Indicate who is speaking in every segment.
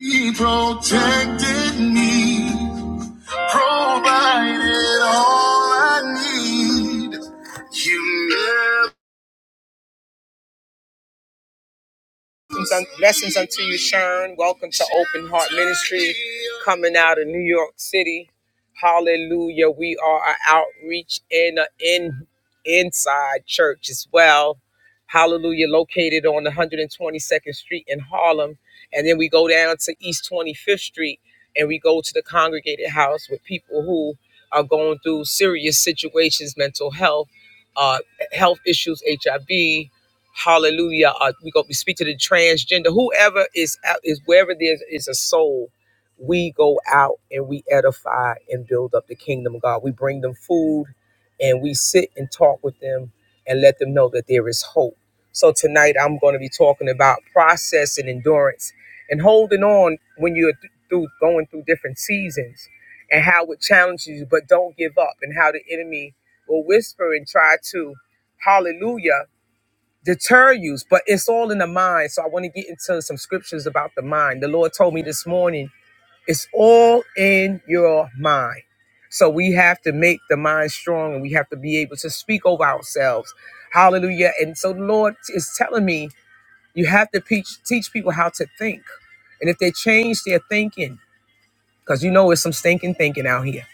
Speaker 1: He protected me, provided all I need. You never Blessings unto you, Sharon. Welcome to Open Heart Ministry, coming out of New York City. Hallelujah. We are an outreach and an in, inside church as well. Hallelujah. Located on 122nd Street in Harlem. And then we go down to East 25th Street and we go to the congregated house with people who are going through serious situations, mental health, uh, health issues, HIV, Hallelujah. Uh, we go. We speak to the transgender, whoever is out, is wherever there is a soul. We go out and we edify and build up the kingdom of God. We bring them food, and we sit and talk with them and let them know that there is hope. So tonight I'm going to be talking about process and endurance and holding on when you're th- through going through different seasons and how it challenges you, but don't give up and how the enemy will whisper and try to, hallelujah deter you, but it's all in the mind. So I want to get into some scriptures about the mind. The Lord told me this morning, it's all in your mind. So we have to make the mind strong and we have to be able to speak over ourselves. Hallelujah. And so the Lord is telling me, you have to teach, teach people how to think. And if they change their thinking, because you know it's some stinking thinking out here.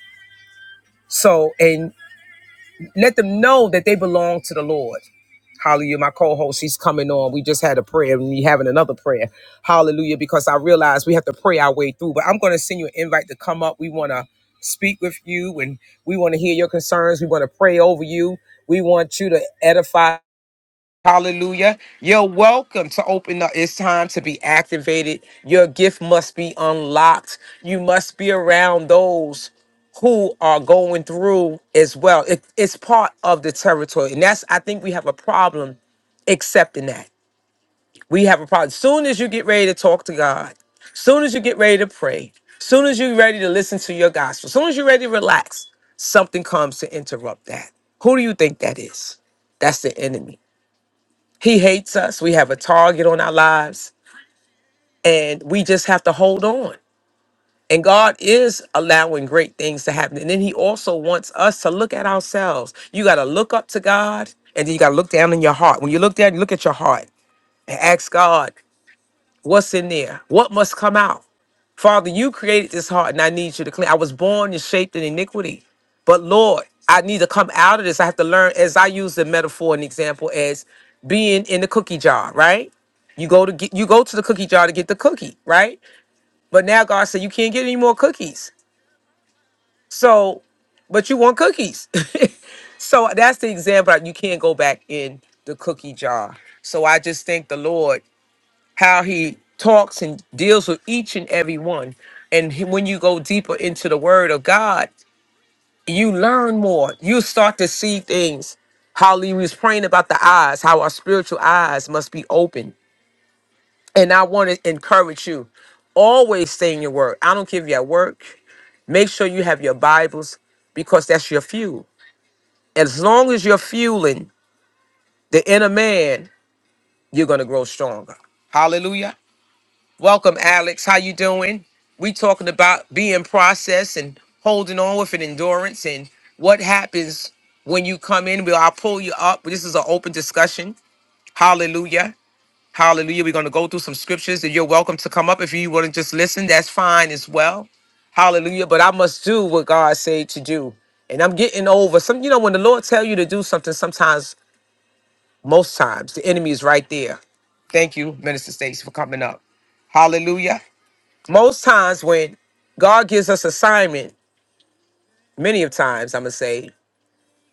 Speaker 1: So, and let them know that they belong to the Lord. Hallelujah. My co-host, she's coming on. We just had a prayer and we having another prayer. Hallelujah. Because I realize we have to pray our way through. But I'm going to send you an invite to come up. We want to speak with you and we want to hear your concerns. We want to pray over you. We want you to edify. Hallelujah. You're welcome to open up. It's time to be activated. Your gift must be unlocked. You must be around those who are going through as well. It- it's part of the territory. And that's, I think we have a problem accepting that. We have a problem. Soon as you get ready to talk to God, soon as you get ready to pray, soon as you're ready to listen to your gospel, soon as you're ready to relax, something comes to interrupt that. Who do you think that is? That's the enemy. He hates us. We have a target on our lives, and we just have to hold on. And God is allowing great things to happen. And then He also wants us to look at ourselves. You got to look up to God, and then you got to look down in your heart. When you look down, you look at your heart and ask God, what's in there? What must come out? Father, you created this heart and I need you to clean. I was born and shaped in iniquity. But Lord, I need to come out of this. I have to learn, as I use the metaphor and example, as being in the cookie jar, right? You go to get you go to the cookie jar to get the cookie, right? But now God said you can't get any more cookies. So, but you want cookies. so that's the example. You can't go back in the cookie jar. So I just thank the Lord how he talks and deals with each and every one. And he- when you go deeper into the word of God, you learn more. You start to see things. How he was praying about the eyes, how our spiritual eyes must be open. And I want to encourage you always stay in your word. I don't care if you're at work. Make sure you have your Bibles because that's your fuel. As long as you're fueling the inner man, you're going to grow stronger. Hallelujah. Welcome, Alex. How you doing? We talking about being processed and holding on with an endurance and what happens when you come in. Will I'll pull you up. This is an open discussion. Hallelujah. Hallelujah. We're going to go through some scriptures and you're welcome to come up. If you want to just listen, that's fine as well. Hallelujah. But I must do what God said to do. And I'm getting over some, you know, when the Lord tell you to do something, sometimes, most times, the enemy is right there. Thank you, Minister States, for coming up. Hallelujah most times when God gives us assignment, many of times I'm gonna say,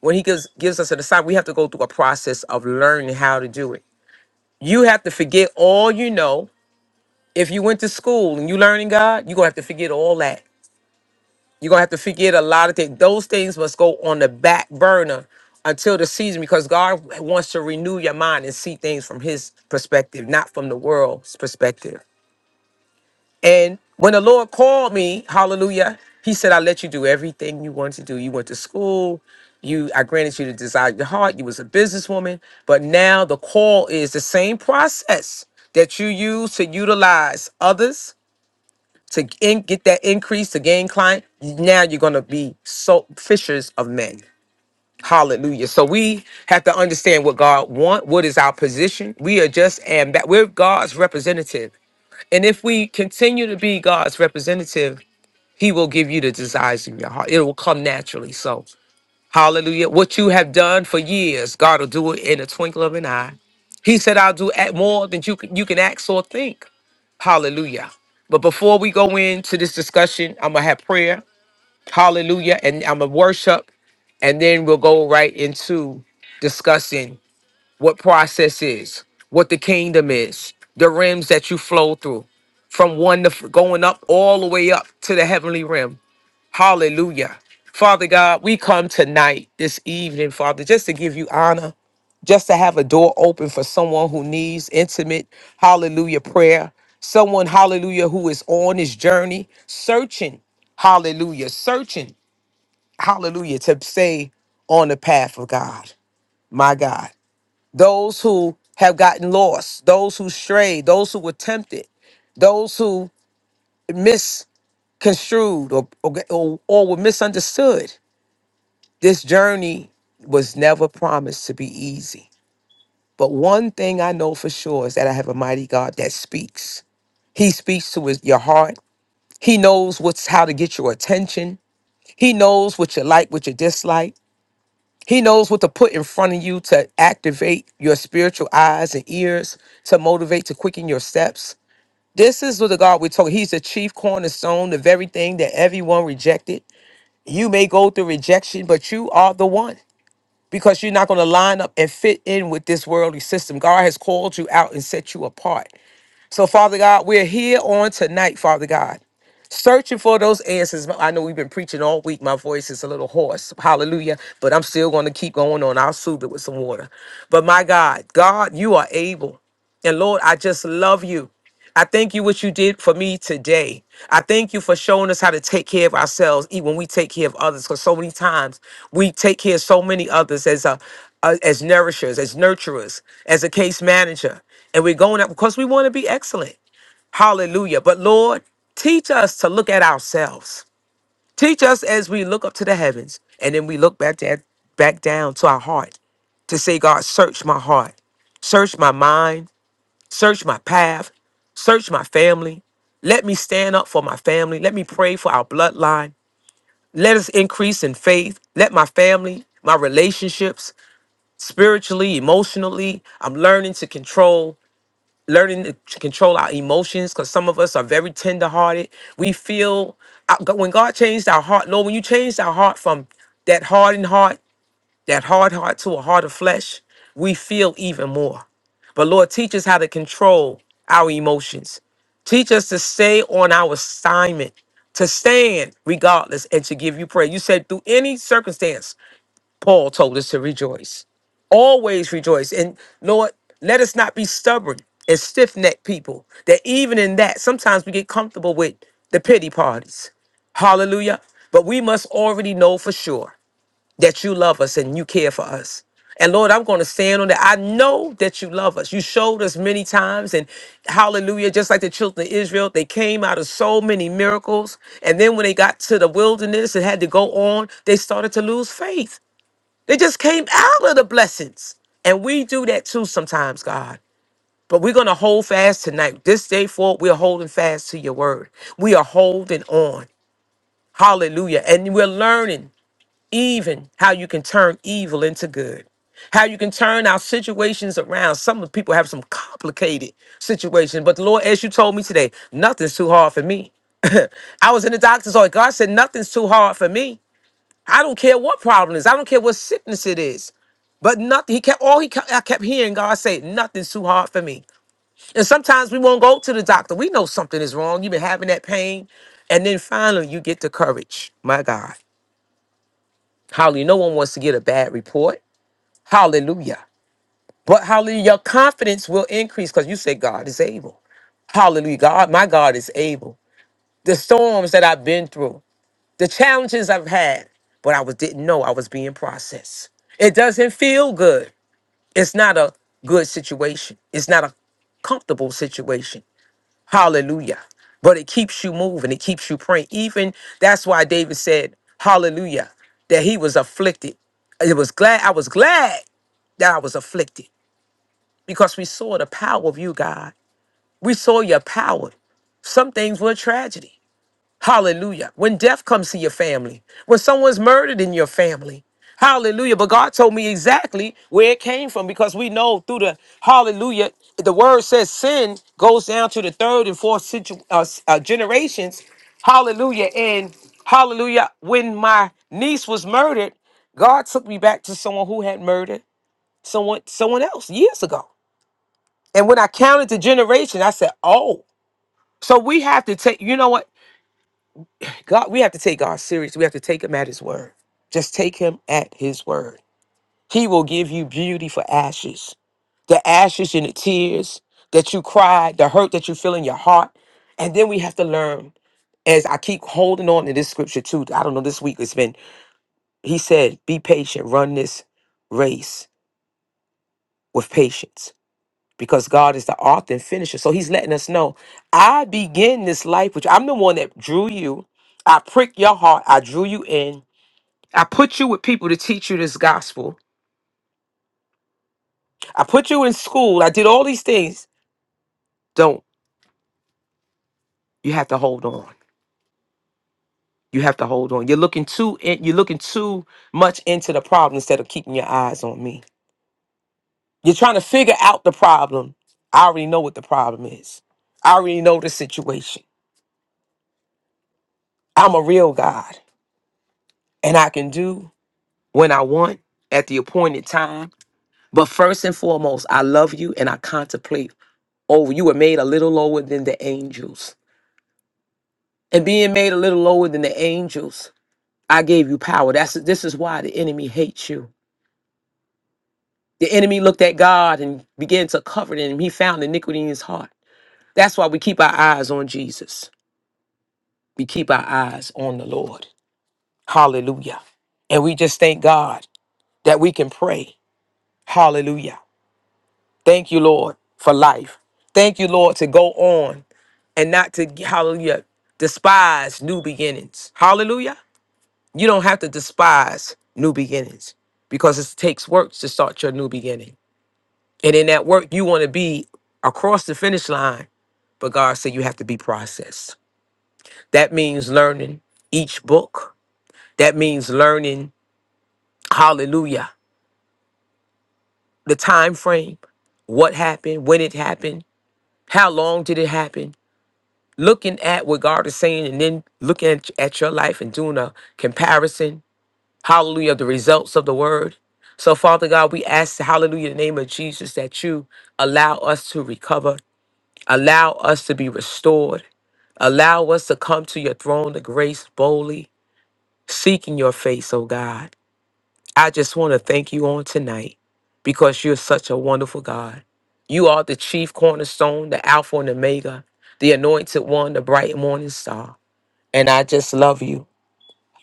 Speaker 1: when He gives gives us an assignment, we have to go through a process of learning how to do it. You have to forget all you know. If you went to school and you learning God, you're gonna have to forget all that. You're gonna have to forget a lot of things. Those things must go on the back burner until the season because God wants to renew your mind and see things from his perspective, not from the world's perspective. And when the Lord called me, hallelujah, he said, I let you do everything you wanted to do. You went to school, you I granted you the desire of your heart, you was a businesswoman, but now the call is the same process that you use to utilize others to in, get that increase to gain client. Now you're gonna be so fishers of men. Hallelujah. So we have to understand what God want. What is our position? We are just and that we're God's representative and if we continue to be God's representative, He will give you the desires of your heart. It will come naturally. So, hallelujah. What you have done for years, God will do it in a twinkle of an eye. He said, I'll do at more than you can, you can ask or think. Hallelujah. But before we go into this discussion, I'm going to have prayer. Hallelujah. And I'm going to worship. And then we'll go right into discussing what process is, what the kingdom is, the rims that you flow through from one to f- going up all the way up to the heavenly rim. Hallelujah. Father God, we come tonight, this evening, Father, just to give you honor, just to have a door open for someone who needs intimate, hallelujah, prayer. Someone, hallelujah, who is on his journey, searching, hallelujah, searching, hallelujah, to stay on the path of God, my God those who have gotten lost, those who strayed, those who were tempted, those who misconstrued or, or, or, or were misunderstood. This journey was never promised to be easy. But one thing I know for sure is that I have a mighty God that speaks. He speaks to his, your heart. He knows what's how to get your attention. He knows what you like, what you dislike. He knows what to put in front of you to activate your spiritual eyes and ears, to motivate, to quicken your steps. This is what the God we're talking. He's the chief cornerstone of everything that everyone rejected. You may go through rejection, but you are the one because you're not going to line up and fit in with this worldly system. God has called you out and set you apart. So, Father God, we're here on tonight, Father God searching for those answers. I know we've been preaching all week. My voice is a little hoarse. Hallelujah. But I'm still going to keep going on. I'll soothe it with some water. But my God, God, you are able. And Lord, I just love you. I thank you what you did for me today. I thank you for showing us how to take care of ourselves, even when we take care of others. Because so many times we take care of so many others as a, a- as nourishers, as nurturers, as a case manager, and we're going up because we want to be excellent. Hallelujah. But Lord, teach us to look at ourselves. Teach us as we look up to the heavens and then we look back, to, back down to our heart to say, God, search my heart, search my mind, search my path, search my family. Let me stand up for my family. Let me pray for our bloodline. Let us increase in faith. Let my family, my relationships, spiritually, emotionally, I'm learning to control learning to t- control our emotions because some of us are very tenderhearted. We feel uh, g- when God changed our heart, Lord, when you changed our heart from that hardened heart, that hard heart to a heart of flesh, we feel even more. But Lord, teach us how to control our emotions. Teach us to stay on our assignment, to stand regardless, and to give you prayer. You said through any circumstance, Paul told us to rejoice. Always rejoice. And Lord, let us not be stubborn and stiff necked people. That even in that, sometimes we get comfortable with the pity parties. Hallelujah. But we must already know for sure that you love us and you care for us. And Lord, I'm going to stand on that. I know that you love us. You showed us many times. And hallelujah, just like the children of Israel, they came out of so many miracles. And then when they got to the wilderness and had to go on, they started to lose faith. They just came out of the blessings. And we do that too sometimes, God. But we're going to hold fast tonight. This day forward, we're holding fast to your word. We are holding on. Hallelujah. And we're learning even how you can turn evil into good, how you can turn our situations around. Some of the people have some complicated situations. But the Lord, as you told me today, nothing's too hard for me. I was in the doctor's office. God said, nothing's too hard for me. I don't care what problem it is. I don't care what sickness it is. But nothing. He kept all he. kept- I kept hearing God say, "Nothing's too hard for me." And sometimes we won't go to the doctor. We know something is wrong. You've been having that pain, and then finally you get the courage. My God, Hallelujah! No one wants to get a bad report. Hallelujah! But Hallelujah, your confidence will increase because you say God is able. Hallelujah, God, my God is able. The storms that I've been through. the challenges I've had, but I was didn't know I was being processed. It doesn't feel good. It's not a good situation. It's not a comfortable situation. Hallelujah. But it keeps you moving. It keeps you praying. Even that's why David said, Hallelujah, that he was afflicted. It was glad I was glad that I was afflicted because we saw the power of you, God. We saw your power. Some things were tragedy. Hallelujah. When death comes to your family, when someone's murdered in your family. Hallelujah. But God told me exactly where it came from because we know through the hallelujah, the word says sin goes down to the third and fourth situ- uh, s- uh, generations. Hallelujah. And hallelujah, when my niece was murdered, God took me back to someone who had murdered someone someone else years ago. And when I counted the generation, I said, "Oh." So we have to take. You know what? God, we have to take God serious. We have to take him at his word. Just take him at his word. He will give you beauty for ashes. The ashes and the tears that you cried, the hurt that you feel in your heart. And then we have to learn, as I keep holding on to this scripture too. I don't know, this week it's been, he said, be patient, run this race with patience because God is the author and finisher. So he's letting us know, I begin this life, which I'm the one that drew you. I prick your heart. I drew you in. I put you with people to teach you this gospel. I put you in school. I did all these things. Don't. You have to hold on. You have to hold on. You're looking too in, you're looking too much into the problem instead of keeping your eyes on me. You're trying to figure out the problem. I already know what the problem is. I already know the situation. I'm a real God and I can do when I want at the appointed time. But first and foremost, I love you and I contemplate. Oh, you were made a little lower than the angels. and being made a little lower than the angels i gave you power that's this is why the enemy hates you the enemy looked at god and began to cover him he found iniquity in his heart that's why we keep our eyes on jesus we keep our eyes on the lord hallelujah and we just thank god that we can pray hallelujah thank you lord for life thank you lord to go on and not to hallelujah despise new beginnings hallelujah You don't have to despise new beginnings because it takes work to start your new beginning. And in that work, you want to be across the finish line, but God said you have to be processed. That means learning each book. That means learning, hallelujah, the time frame, what happened, when it happened, how long did it happen, looking at what God is saying and then looking at, at your life and doing a comparison hallelujah, the results of the word. So, Father God, we ask, hallelujah, in the name of Jesus, that you allow us to recover, allow us to be restored, allow us to come to your throne of grace boldly, seeking your face, oh God. I just want to thank you on tonight because you're such a wonderful God. You are the chief cornerstone, the Alpha and Omega, the anointed one, the bright morning star. And I just love you.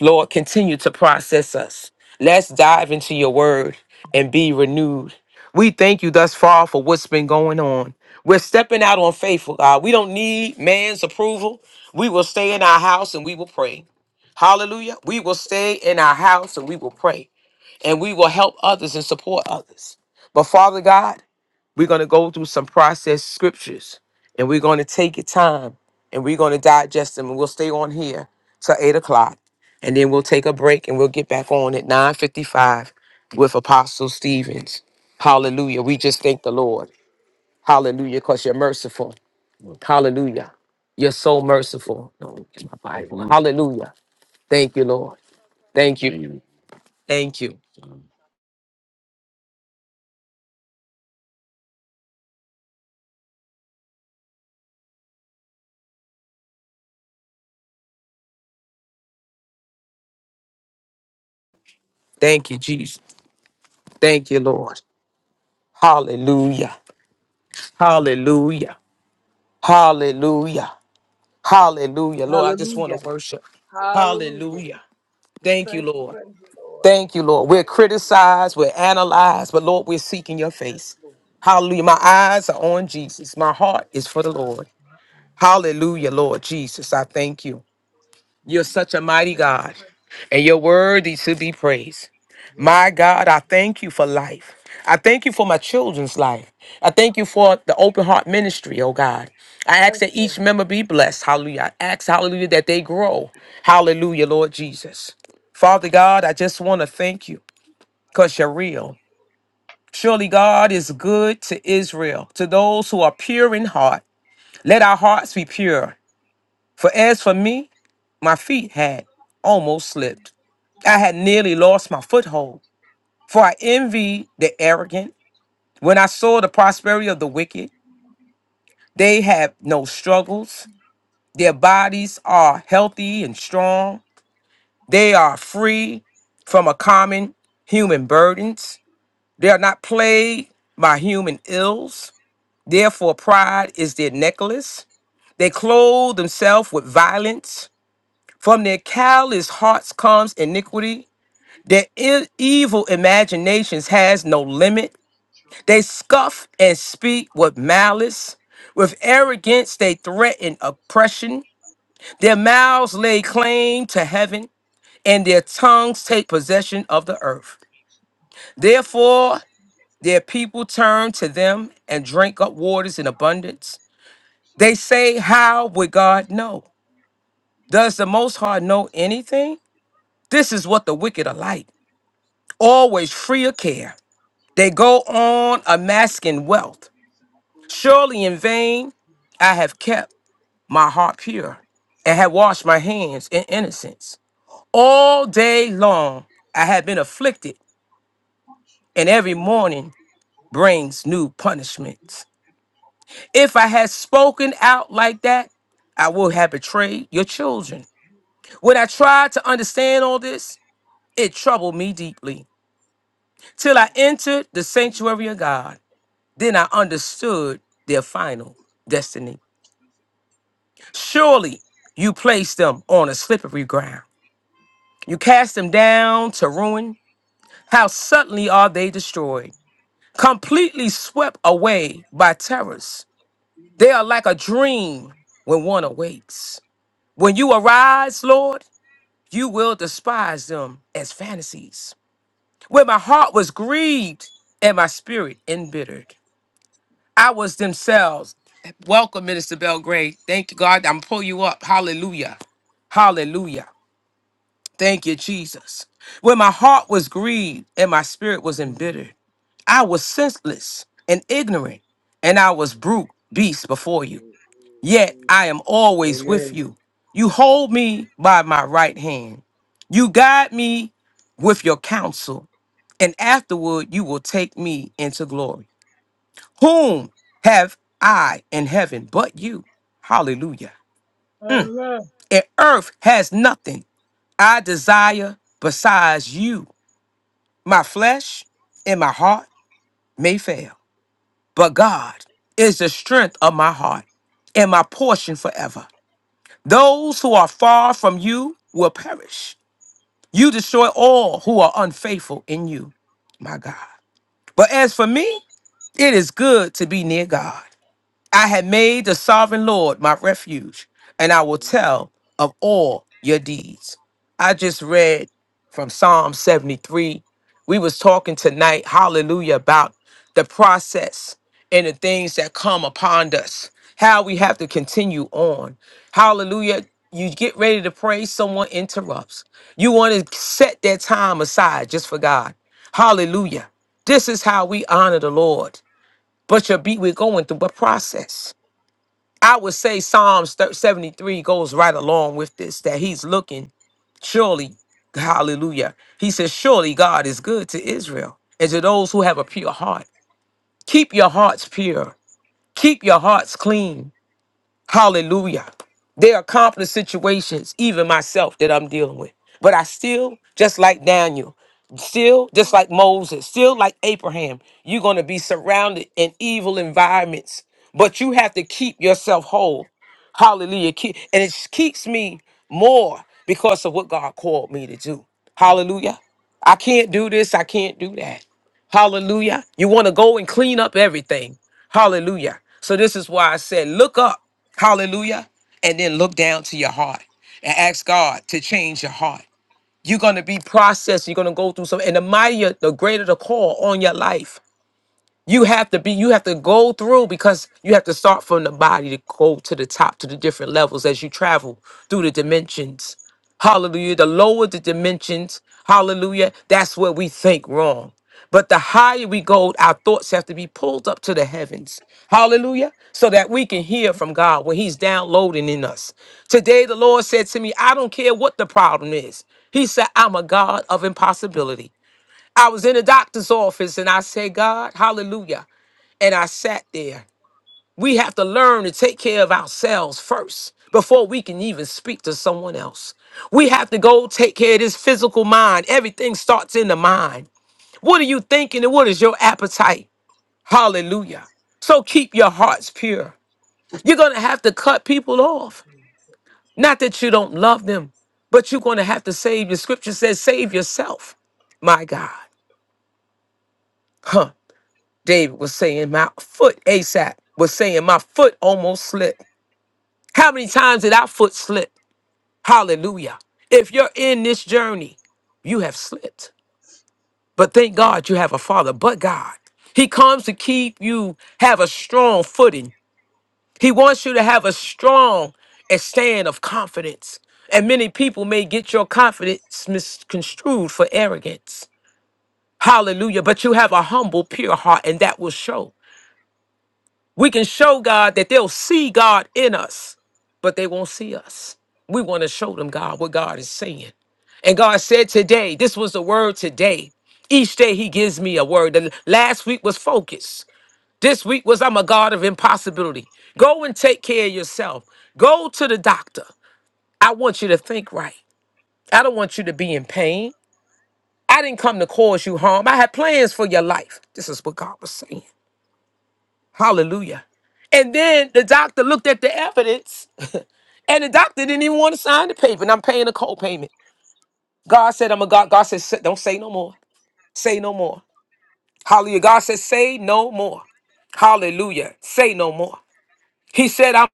Speaker 1: Lord, continue to process us. Let's dive into your word and be renewed. We thank you thus far for what's been going on. We're stepping out on faithful, God. We don't need man's approval. We will stay in our house and we will pray. Hallelujah. We will stay in our house and we will pray. And we will help others and support others. But Father God, we're going to go through some processed scriptures and we're going to take your time and we're going to digest them and we'll stay on here till eight o'clock and then we'll take a break and we'll get back on at 9.55 with Apostle Stevens. Hallelujah. We just thank the Lord. Hallelujah, because you're merciful. Hallelujah. You're so merciful. No, Hallelujah. Thank you, Lord. Thank you. Thank you. Thank you, Jesus. Thank you, Lord. Hallelujah. Hallelujah. Hallelujah. Hallelujah. Lord, I just want
Speaker 2: Hallelujah.
Speaker 1: to worship.
Speaker 2: Hallelujah.
Speaker 1: Hallelujah.
Speaker 2: We
Speaker 1: Thank you,
Speaker 2: thank and
Speaker 1: Lord.
Speaker 2: praise the Lord.
Speaker 1: Thank you, Lord. We're
Speaker 2: Hallelujah.
Speaker 1: criticized, we're analyzed, but Lord, we're seeking your
Speaker 2: Yes,
Speaker 1: face.
Speaker 2: Lord.
Speaker 1: Hallelujah. My eyes are on Jesus. My heart is for the
Speaker 2: My,
Speaker 1: Lord.
Speaker 2: my, my.
Speaker 1: Hallelujah, Lord Jesus. I
Speaker 2: Hallelujah.
Speaker 1: thank you. You're such a mighty God, and
Speaker 2: your
Speaker 1: you're
Speaker 2: mind.
Speaker 1: worthy to be praised. My
Speaker 2: Worthy to
Speaker 1: God,
Speaker 2: be
Speaker 1: I thank you for life. I thank you for my children's life. I thank you for the open heart ministry, oh God. I ask that
Speaker 2: thanked.
Speaker 1: each member be blessed. Hallelujah. I ask, hallelujah, that they grow. Hallelujah, Lord Jesus. Father God, I just want to thank you because you're real. Surely God is good to Israel, to those who are pure in heart. Let our hearts be pure. For as for me, my feet had almost slipped. I had nearly lost my foothold, for I envied the arrogant When I saw the prosperity of the wicked, they have no struggles. Their bodies are healthy and strong. They are free from a common human burdens. They are not plagued by human ills. Therefore, pride is their necklace. They clothe themselves with violence. From their callous hearts comes iniquity. Their i- evil imaginations has no limit. They scoff and speak with malice. With arrogance, they threaten oppression. Their mouths lay claim to heaven, and their tongues take possession of the earth. Therefore, their people turn to them and drink up waters in abundance. They say, How would God know? Does the Most High know anything? This is what the wicked are like, always free of care. They go on amassing wealth. Surely in vain I have kept. my heart pure, and had washed my hands in innocence. All day long I had been afflicted, and every
Speaker 2: Amen.
Speaker 1: morning brings new punishment. If I had spoken out like that, I would have betrayed your children. When I tried to understand all this, it troubled me deeply. Till I entered the sanctuary of God, then I
Speaker 2: Yes, Lord.
Speaker 1: understood their final destiny. Surely you placed them on a slippery ground. You cast them down to ruin How suddenly are they destroyed, completely swept away by terrors. They are like a dream when one awakes. When you arise, Lord, you will despise them as fantasies. When my heart was grieved and my spirit embittered, I was themselves. Welcome, Minister Belgrade. Thank you, God. I'm pull you up. Hallelujah. Hallelujah. Thank you, Jesus. When my heart was grieved and my spirit was embittered.
Speaker 2: Mhm.
Speaker 1: I was senseless and ignorant, and I was brute beast before you. Yet I am always with
Speaker 2: Amen.
Speaker 1: you. You hold me by my right hand. You guide me with your counsel, and afterward you will take me into glory. Whom have I in heaven but you? Hallelujah.
Speaker 2: Amen.
Speaker 1: And earth has nothing I desire besides you. My flesh and my heart may fail But God is the strength of my heart and my portion forever. Those who are far from you will perish. You destroy all who are unfaithful in you, my God. But as for me, it is good to be near God. I had made the sovereign Lord my refuge, and I will
Speaker 2: Amen.
Speaker 1: tell of all your deeds. I just read from Psalm 73. We was talking tonight, hallelujah, about the process and the things that come upon us, how we have to continue on. Hallelujah. You get ready to pray, someone interrupts. You want to set that time aside just for God. Hallelujah. This is how we honor the Lord. But you your be, we're going through a process. I would say Psalms thir- 73 goes right along with this that he's looking, surely, hallelujah. He says, Surely God is good to Israel and to those who have a pure heart. Keep your hearts pure, keep your hearts clean. Hallelujah. There are complex situations, even myself, that I'm dealing with. But I still, just like Daniel, still, just like Moses, still like Abraham, you're going to be surrounded in evil environments. But you have to keep yourself whole. Hallelujah. Keep- And it keeps me more because of what God called me to do. Hallelujah. I can't do this. I can't do that. Hallelujah. You want to go and clean up everything. Hallelujah. So this is why I said, look up. Hallelujah. And then look down to your heart and ask God to change your heart. You're going to be processed. You're going to go through some, and the mightier, the greater the call on your life you have to be you have to go through because you have to start from the body to go to the top to the different levels as you travel through the dimensions hallelujah the lower the dimensions hallelujah that's where we think wrong but the higher we go our thoughts have to be pulled up to the heavens hallelujah so that we can hear from god when he's downloading in us today the lord said to me i don't care what the problem is he said i'm a god of impossibility I was in a doctor's office and I said, God, hallelujah and I sat there. We have to learn to take care of ourselves first before we can even speak to someone else. We have to go take care of this physical mind. Everything starts in the mind. What are you thinking and what is your appetite? Hallelujah. So keep your hearts pure. You're going to have to cut people off. Not that you don't love them, but you're going to have to save. The scripture says, save yourself. My God. Huh. David was saying, my foot, ASAP was saying, my foot almost slipped. How many times did our foot slip? Hallelujah. If you're in this journey, you have slipped. But thank God you have a father, but God. He comes to keep you have a strong footing. He wants you to have a strong and stand of confidence. And many people may get your confidence misconstrued for arrogance. Hallelujah. But you have a humble, pure heart, and that will show. We can show God that they'll see God in us, but they won't see us. We want to show them God what God is saying. And God said today, this was the word today. Each day he gives me a word. The last week was focus. This week was I'm a God of impossibility. Go and take care of yourself. Go to the doctor. I want you to think right. I don't want you to be in pain. I didn't come to cause you harm. I had plans for your life. This is what God was saying. Hallelujah. And then the doctor looked at the evidence And the doctor didn't even want to sign the paper, and I'm paying a co-payment. God said, I'm a God. God said, "Say- don't say no more. Say no more. Hallelujah. God said, say no more. Hallelujah. Say no more. He said, I'm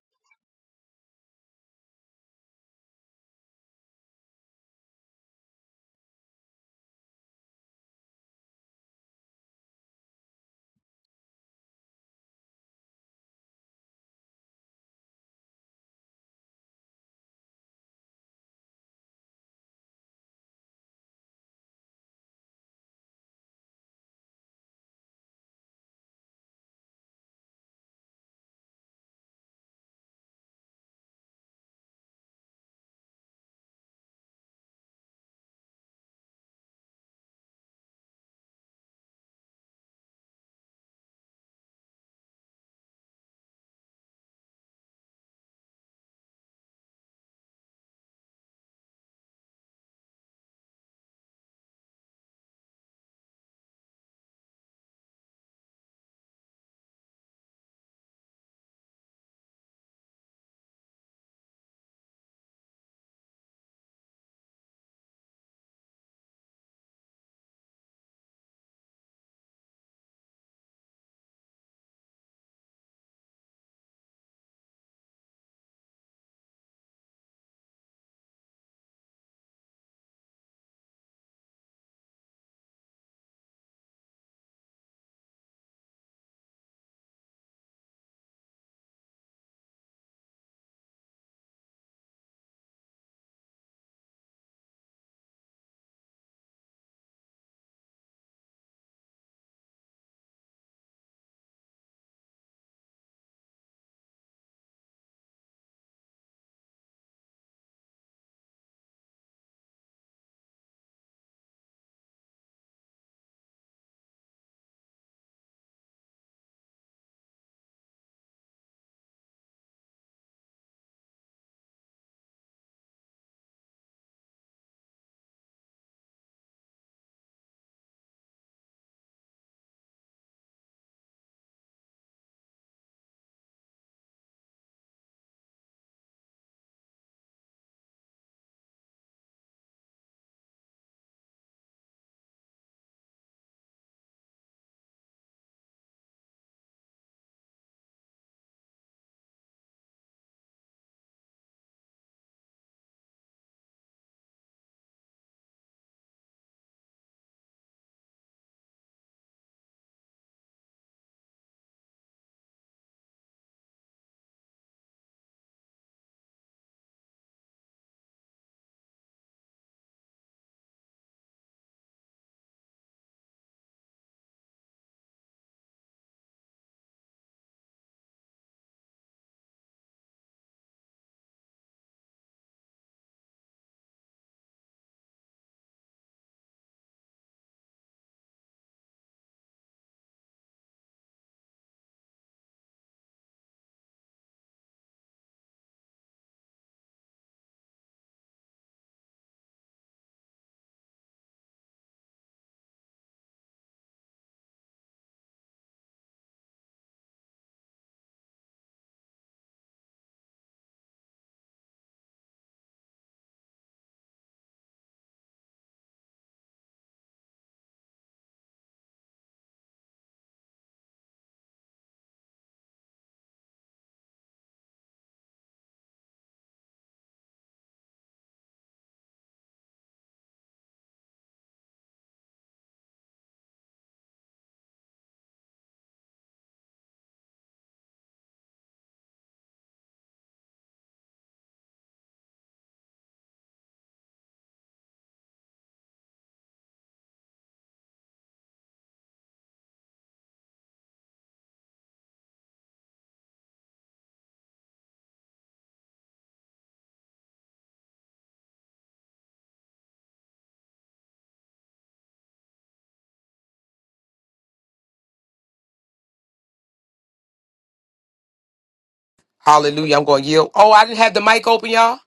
Speaker 1: Hallelujah. I'm going to yield. Oh, I didn't have the mic open, y'all.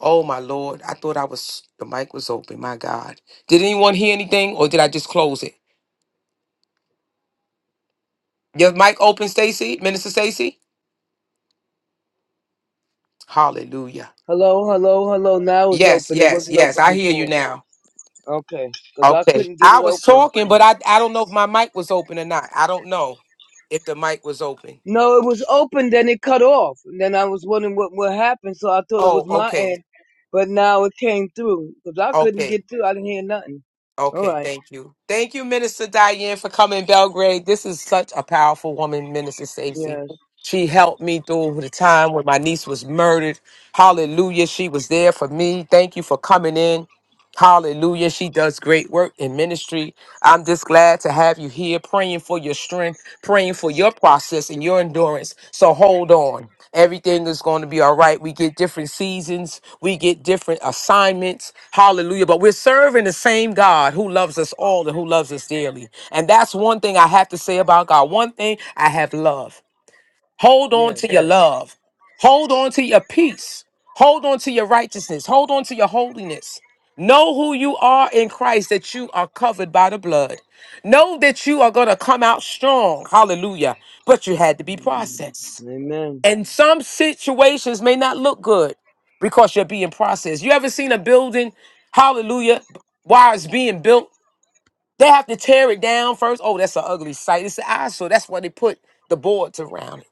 Speaker 1: Oh my Lord. I thought I was the mic was open. My God. Did anyone hear anything or did I just close it? Your mic open, Stacy? Minister Stacy? Hallelujah.
Speaker 2: Hello, hello, hello. Now it's
Speaker 1: Yes,
Speaker 2: open. It
Speaker 1: yes,
Speaker 2: wasn't
Speaker 1: yes.
Speaker 2: open
Speaker 1: I hear you
Speaker 2: before.
Speaker 1: now.
Speaker 2: Okay. Because I
Speaker 1: Okay.
Speaker 2: couldn't get
Speaker 1: I
Speaker 2: it
Speaker 1: was
Speaker 2: open.
Speaker 1: talking, but I, I don't know if my mic was open or not. I don't know if the mic was open.
Speaker 2: No, it was open, then it cut off. And then I was wondering what, what happened, so I thought it
Speaker 1: Oh,
Speaker 2: was my
Speaker 1: okay.
Speaker 2: end. But now it came through, because I couldn't
Speaker 1: Okay.
Speaker 2: get through. I didn't hear nothing. All
Speaker 1: Okay.
Speaker 2: right.
Speaker 1: Thank you. Thank you, Minister Diane, for coming, Belgrade. This is such a powerful woman, Minister Stacey.
Speaker 2: Yes,
Speaker 1: She helped me through the time when my niece was murdered. Hallelujah. She was there for me. Thank you for coming in. Hallelujah. She does great work in ministry. I'm just glad to have you here praying for your strength, praying for your process and your endurance. So hold on. Everything is going to be all right. We get different seasons, we get different assignments. Hallelujah. But we're serving the same God who loves us all and who loves us dearly. And that's one thing I have to say about God. One thing I have loved. Hold on
Speaker 2: yes.
Speaker 1: to your love. Hold on to your peace. Hold on to your righteousness. Hold on to your holiness. Know who you are in Christ, that you are covered by the blood. Know that you are going to come out strong. Hallelujah. But you had to be
Speaker 2: Mhm.
Speaker 1: processed.
Speaker 2: Amen.
Speaker 1: And some situations may not look good because you're being processed. You ever seen a building, hallelujah, while it's being built? They have to tear it down first. Oh, that's an ugly sight. It's an eyesore. That's why they put the boards around it.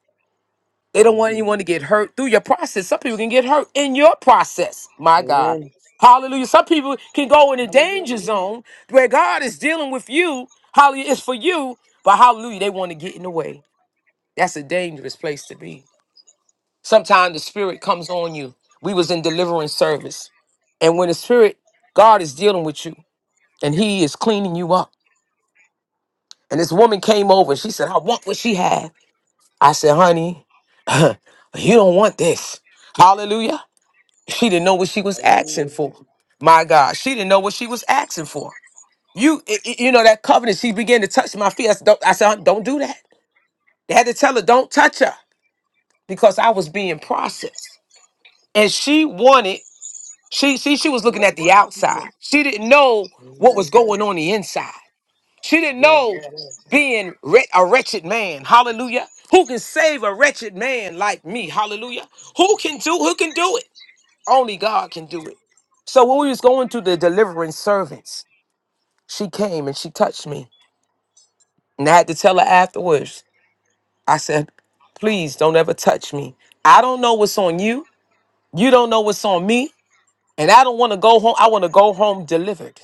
Speaker 1: They don't want
Speaker 2: hmm
Speaker 1: anyone to get hurt through your process. Some people can get hurt in your process. My God.
Speaker 2: Amen.
Speaker 1: Hallelujah. Some people can go in a danger
Speaker 2: Hallelujah.
Speaker 1: zone where God is dealing with you. Hallelujah. It's for you, but hallelujah, they want to get in the way. That's a dangerous place to be. Sometimes the spirit comes on you. We was in deliverance service. And when the spirit, God is dealing with you and he is cleaning you up. And this woman came over. She said, I want what she had. I said, honey, you don't want this. Hallelujah. She didn't know what she was
Speaker 2: Hallelujah.
Speaker 1: asking for. My God, she didn't know what she was asking for. You, i- i- you know that covenant. She began to touch my feet. I said, don't, I said, don't do that. They had to tell her, don't touch her, because I was being processed, and she wanted. She, she, she was looking
Speaker 2: What
Speaker 1: at the
Speaker 2: you want?
Speaker 1: outside. She didn't know what
Speaker 2: Amen.
Speaker 1: was going on the inside. She didn't
Speaker 2: Yes,
Speaker 1: know
Speaker 2: yes.
Speaker 1: being wre- a wretched man. Hallelujah. Who can save a wretched man like me? Hallelujah. Who can do? Who can do it? Only God can do it. So when we was going to the delivering servants, she came and she touched me. And I had to tell her afterwards, I said, please don't ever touch me. I don't know what's on you. You don't know what's on me. And I don't want to go home. I want to go home delivered.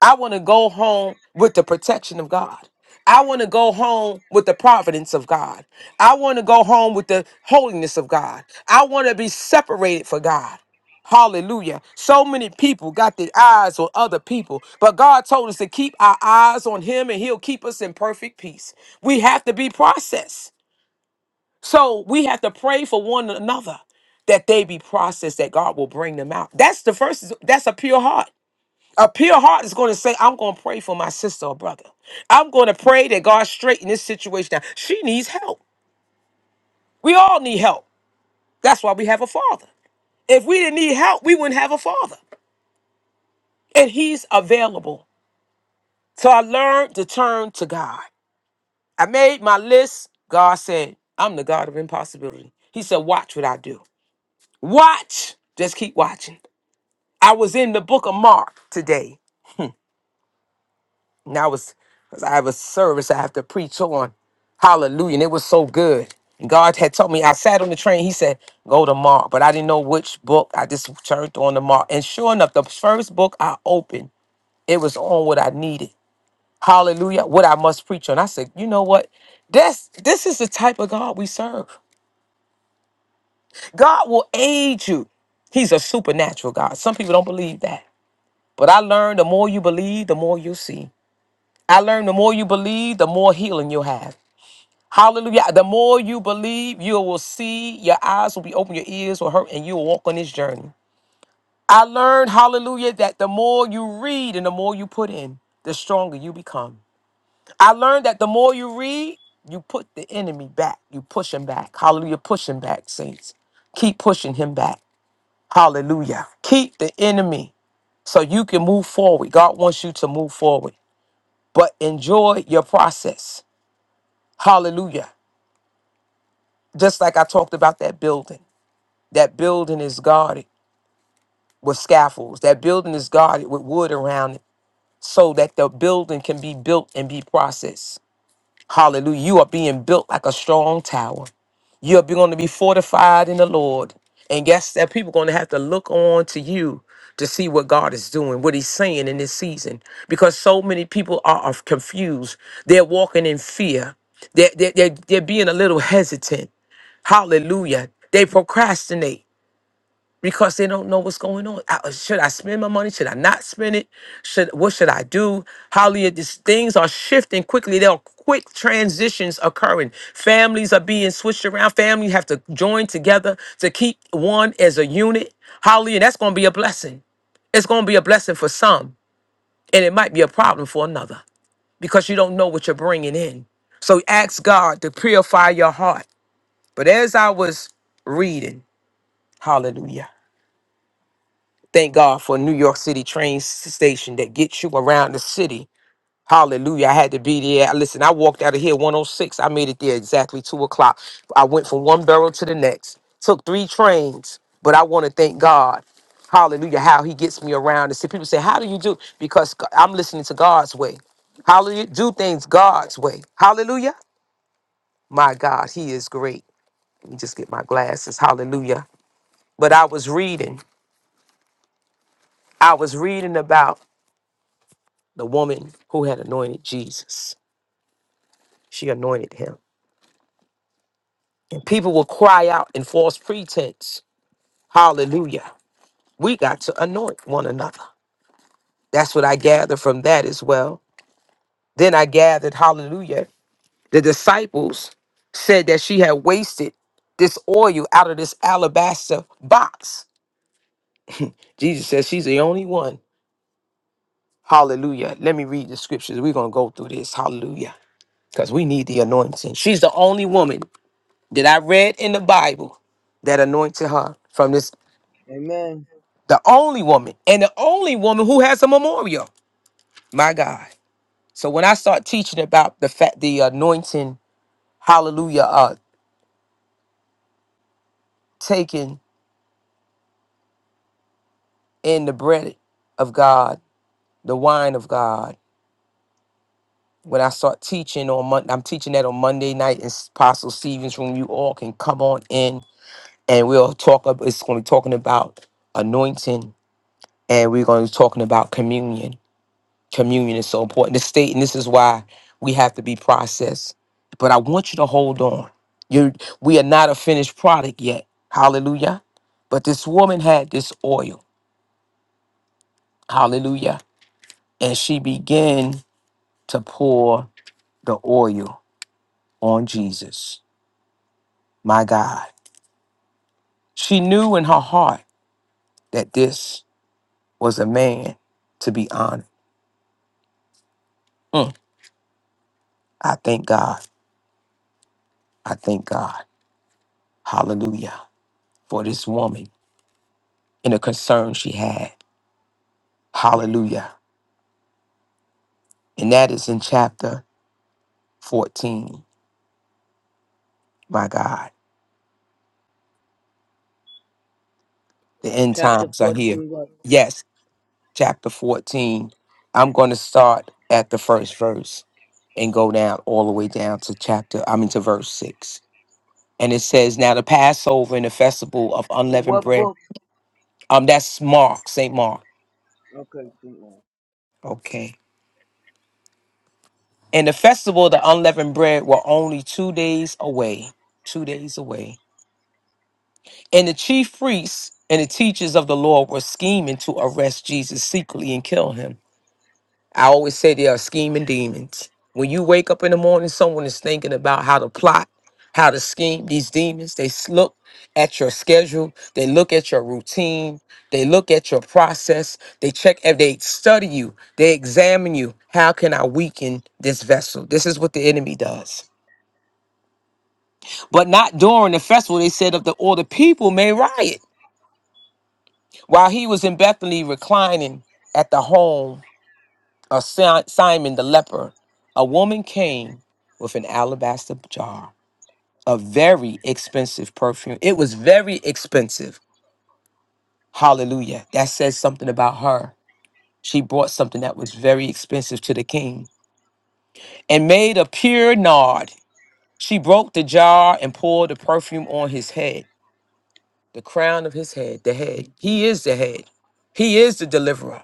Speaker 1: I want to go home with the protection of God. I want to go home with the providence of God. I want to go home with the holiness of God. I want to be separated for God. Hallelujah. So many people got their eyes on other people, but God told us to keep our eyes on Him and He'll keep us in perfect peace. We have to be processed. So we have to pray for one another that they be processed, that God will bring them out. That's the first, that's a pure heart. A pure heart is going to say, I'm going to pray for my sister or brother. I'm going to pray that God straighten this situation out. She needs help. We all need help. That's why we have a father. If we didn't need help, we wouldn't have a father. And he's available. So I learned to turn to God. I made my list. God said, I'm the God of impossibility. He said, Watch what I do. Watch. Just keep watching. I was in the book of Mark today. And I was, 'cause I have a service I have to preach on. Hallelujah. And it was so good. And God had told me, I sat on the train. He said, Go to Mark. But I didn't know which book. I just turned on the Mark. And sure enough, the first book I opened, it was on what I needed. Hallelujah. What I must preach on. I said, you know what? That's this is the type of God we serve. God will aid you. He's a supernatural God. Some people don't believe that. But I learned the more you believe, the more you see. I learned the more you believe, the more healing you'll have. Hallelujah. The more you believe, you will see, your eyes will be open, your ears will hurt, and you will walk on this journey. I learned, hallelujah, that the more you read and the more you put in, the stronger you become. I learned that the more you read, you put the enemy back. You push him back. Hallelujah. Push him back, saints. Keep pushing him back. Hallelujah. Keep the enemy so you can move forward. God wants you to move forward, but enjoy your process. Hallelujah. Just like I talked about that building. That building is guarded with scaffolds. That building is guarded with wood around it so that the building can be built and be processed. Hallelujah. You are being built like a strong tower. You're going to be fortified in the Lord. And guess that people are going to have to look on to you to see what God is doing, what He's saying in this season. Because so many people are, are confused. They're walking in fear. They're, they're, they're, they're being a little hesitant. Hallelujah. They procrastinate because they don't know what's going on. I- uh, should I spend my money? Should I not spend it? Should what should I do? Hallelujah! These things are shifting quickly. There are quick transitions occurring. Families are being switched around. Families have to join together to keep one as a unit. Hallelujah! That's going to be a blessing. It's going to be a blessing for some, and it might be a problem for another because you don't know what you're bringing in. So ask God to purify your heart. But as I was reading, Hallelujah. Thank God for New York City train s- station that gets you around the city. Hallelujah. I had to be there. Listen, I walked out of here 106. I made it there exactly two o'clock. I went from one borough to the next, took three trains, but I want to thank God. Hallelujah. How he gets me around. And see, people say, How do you do? Because g- I'm listening to God's way. Hallelujah. Do things God's way. Hallelujah. My God, he is great. Let me just get my glasses. Hallelujah. But I was reading. I was reading about the woman who had anointed Jesus. She anointed him. And people will cry out in false pretense. Hallelujah. We got to anoint one another. That's what I gathered from that as well. Then I gathered, hallelujah, the disciples said that she had wasted this oil out of this alabaster box. Jesus says she's the only one. Hallelujah. Let me read the scriptures. We're going to go through this. Hallelujah. Because we need the anointing. She's the only woman that I read in the Bible that anointed her from this,
Speaker 2: Amen.
Speaker 1: the only woman and the only woman who has a memorial. My God. So when I start teaching about the fact the anointing, hallelujah, uh, taken in the bread of God, the wine of God. When I start teaching on Monday, I'm teaching that on Monday night in Apostle Stevens' room. You all can come on in, and we'll talk. ab- It's going to be talking about anointing, and we're going to be talking about communion Communion is so important. The state, and this is why we have to be processed. But I want you to hold on. You, we are not a finished product yet. Hallelujah. But this woman had this oil. Hallelujah. And she began to pour the oil on Jesus. My God. She knew in her heart that this was a man to be honored. Mm. I thank God. I thank God. Hallelujah. For this woman and the concern she had. Hallelujah. And that is in chapter 14. My God, the end
Speaker 2: Chapter
Speaker 1: times are here.
Speaker 2: 14, what?
Speaker 1: Yes, chapter 14. I'm going to start at the first verse and go down all the way down to chapter, I mean, to verse 6. And it says, Now the Passover and the festival of
Speaker 2: What,
Speaker 1: unleavened
Speaker 2: what
Speaker 1: bread,
Speaker 2: book?
Speaker 1: um, that's Mark, St. Mark.
Speaker 2: Okay, keep going.
Speaker 1: Okay. And the festival of the unleavened bread were only two days away, two days away. And the chief priests and the teachers of the law were scheming to arrest Jesus secretly and kill him. I always say they are scheming demons. When you wake up in the morning, someone is thinking about how to plot, how to scheme. These demons, they s- look at your schedule, they look at your routine, they look at your process, they check and they study you, they examine you. How can I weaken this vessel? This is what the enemy does. But not during the festival, they said, of the or the people may riot. While he was in Bethany reclining at the home of Si- Simon the leper, a woman came with an alabaster jar of very expensive perfume. It was very expensive. Hallelujah. That says something about her. She brought something that was very expensive to the king and made a pure nard. She broke the jar and poured the perfume on his head, the crown of his head, the head. He is the head. He is the deliverer.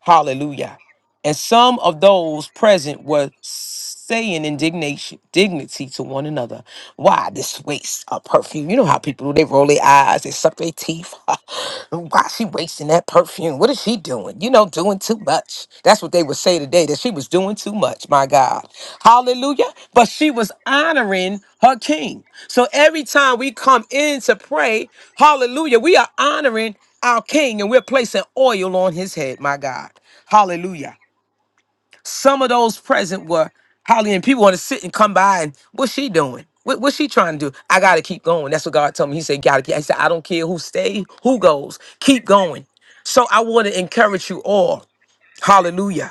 Speaker 1: Hallelujah. And some of those present were saying indignation, dignity to one another. Why this waste of perfume? You know how people do, they roll their eyes, they suck their teeth. Why she wasting that perfume? What is she doing? You know, doing too much. That's what they would say today, that she was doing too much, my God. Hallelujah. But she was honoring her king. So every time we come in to pray, hallelujah, we are honoring our king and we're placing oil on his head, my God. Hallelujah. Some of those present were Holly, and people want to sit and come by and what's she doing? What, what's she trying to do? I gotta keep going. That's what God told me. He said, "Gotta keep." He said, "I don't care who stays, who goes, keep going." So I want to encourage you all. Hallelujah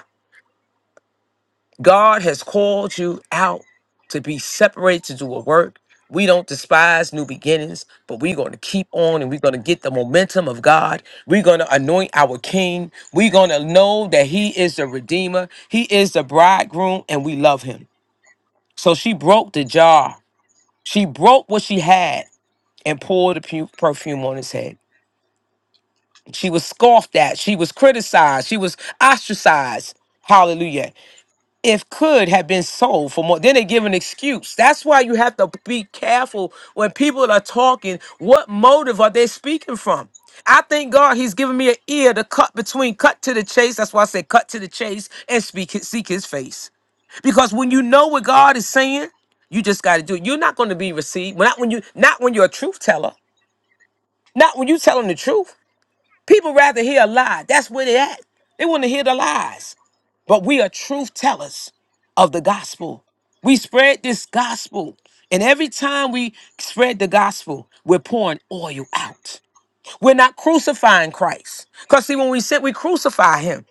Speaker 1: God has called you out to be separated to do a work. We don't despise new beginnings, but we're going to keep on and we're going to get the momentum of God. We're going to anoint our King. We're going to know that He is the Redeemer, He is the bridegroom, and we love Him. So she broke the jar. She broke what she had and poured the pu- perfume on his head. She was scoffed at. She was criticized. She was ostracized. Hallelujah. if could have been sold for more. Then they give an excuse. That's why you have to be careful when people are talking. What motive are they speaking from? I thank God He's given me an ear to cut between, cut to the chase. That's why I said cut to the chase and speak, seek His face. Because when you know what God is saying, you just got to do it. You're not going to be received. Not when you, not when you're a truth teller. Not when you're telling the truth. People rather hear a lie. That's where they at. They want to hear the lies but we are truth tellers of the gospel. We spread this gospel. And every time we spread the gospel, we're pouring oil out. We're not crucifying Christ. Because see, when we sit, we crucify him.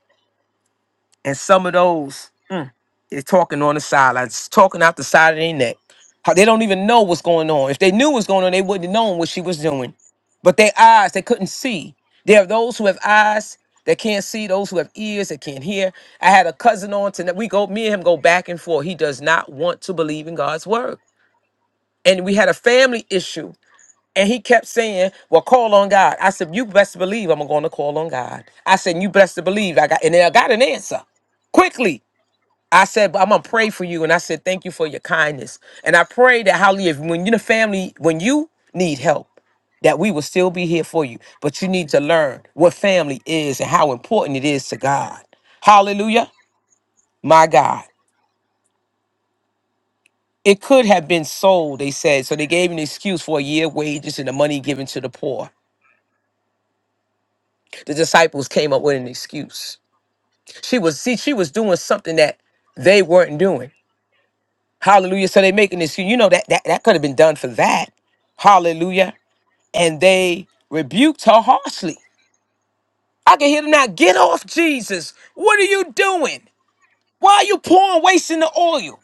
Speaker 1: And some of those they're talking on the sidelines, talking out the side of their neck. How they don't even know what's going on. If they knew what's going on, they wouldn't have known what she was doing. But their eyes, they couldn't see. There are those who have eyes that can't see, those who have ears that can't hear. I had a cousin on tonight. We go, me and him go back and forth. He does not want to believe in God's word. And we had a family issue. And he kept saying, Well, call on God. I said, You best believe I'm gonna call on God. I said, You best to believe I got and then I got an answer quickly I said, but I'm gonna pray for you. And I said, thank you for your kindness. And I pray that hallelujah, if when you're the family, when you need help, that we will still be here for you. But you need to learn what family is and how important it is to God. Hallelujah. My God. It could have been sold, they said. So they gave an excuse for a year wages and the money given to the poor. The disciples came up with an excuse. She was, see, she was doing something that they weren't doing. Hallelujah. So they making this, you know, that that, that could have been done for that. Hallelujah. And they rebuked her harshly. I can hear them now. Get off, Jesus. What are you doing? Why are you pouring, wasting the oil?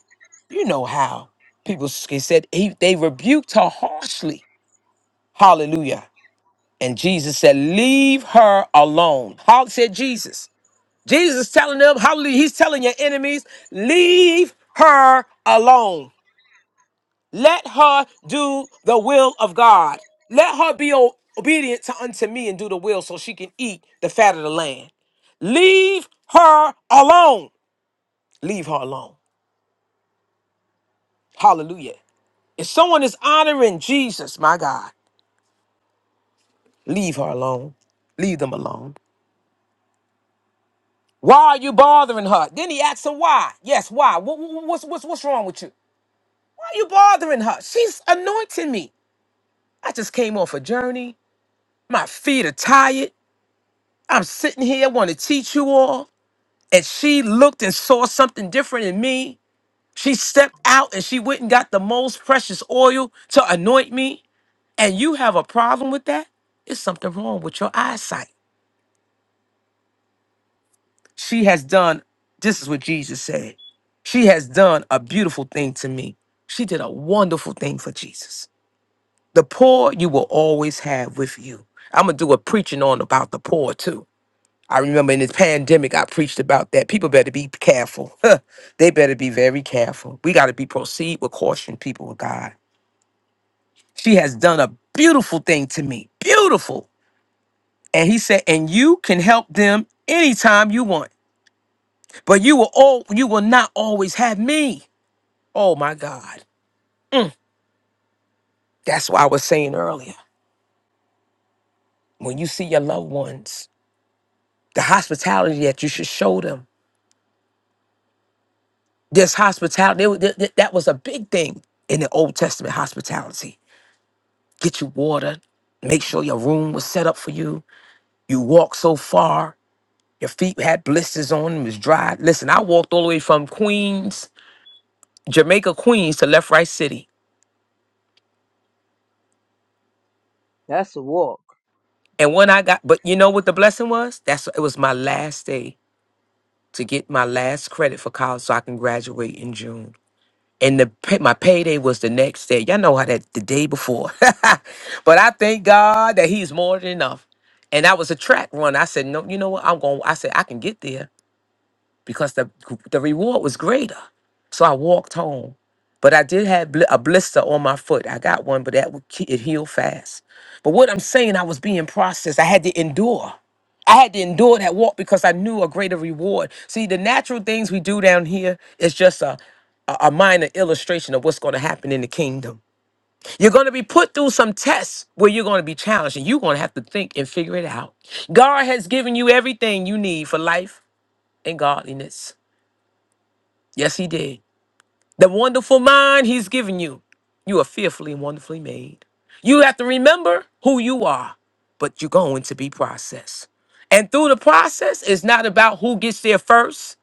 Speaker 1: You know how people s- he said he, they rebuked her harshly. Hallelujah. And Jesus said, Leave her alone. How said Jesus. Jesus is telling them, Hallelujah. He's telling your enemies, Leave her alone. Let her do the will of God. Let her be o- obedient to unto me and do the will so she can eat the fat of the land. Leave her alone. Leave her alone. Hallelujah. If someone is honoring Jesus, my God, leave her alone. Leave them alone. Why are you bothering her? Then he asks her why. Yes, why? Wha- wha- wha- What's, what's, what's wrong with you? Why are you bothering her? She's anointing me. I just came off a journey. My feet are tired. I'm sitting here, want to teach you all. and she looked and saw something different in me. She stepped out and she went and got the most precious oil to anoint me. And you have a problem with that? It's something wrong with your eyesight. She has done, this is what Jesus said. She has done a beautiful thing to me. She did a wonderful thing for Jesus. The poor you will always have with you. I'm going to do a preaching on about the poor too I remember in this pandemic, I preached about that. People better be careful. Huh. they better be very careful. We got to be proceed with caution, people of God. She has done a beautiful thing to me. Beautiful. And he said, and you can help them anytime you want, but you will all you will not always have me. Oh my God. That's what I was saying earlier. When you see your loved ones, the hospitality that you should show them. This hospitality, that that- that was a big thing in the Old Testament hospitality get you water, make sure your room was set up for you. You walked so far, your feet had blisters on them, it was dry. Listen, I walked all the way from Queens, Jamaica, Queens to Left Right City.
Speaker 2: that's a walk.
Speaker 1: And when I got, but you know what the blessing was? That's it was my last day to get my last credit for college so I can graduate in June. And the pay, my payday was the next day. Y'all know how that the day before. but I thank God that He's more than enough. And I was a track runner. I said, no, you know what? I'm going. I said I can get there. because the the reward was greater. So I walked home, but I did have bl- a blister on my foot. I got one, but that would ke- it healed fast. But what I'm saying, I was being processed. I had to endure. I had to endure that walk because I knew a greater reward. See, the natural things we do down here is just a a a minor illustration of what's going to happen in the kingdom. You're going to be put through some tests where you're going to be challenged and you're going to have to think and figure it out. God has given you everything you need for life and godliness. Yes, he did. The wonderful mind he's given you. You are fearfully and wonderfully made. You have to remember who you are, but you're going to be processed. And through the process, it's not about who gets there first.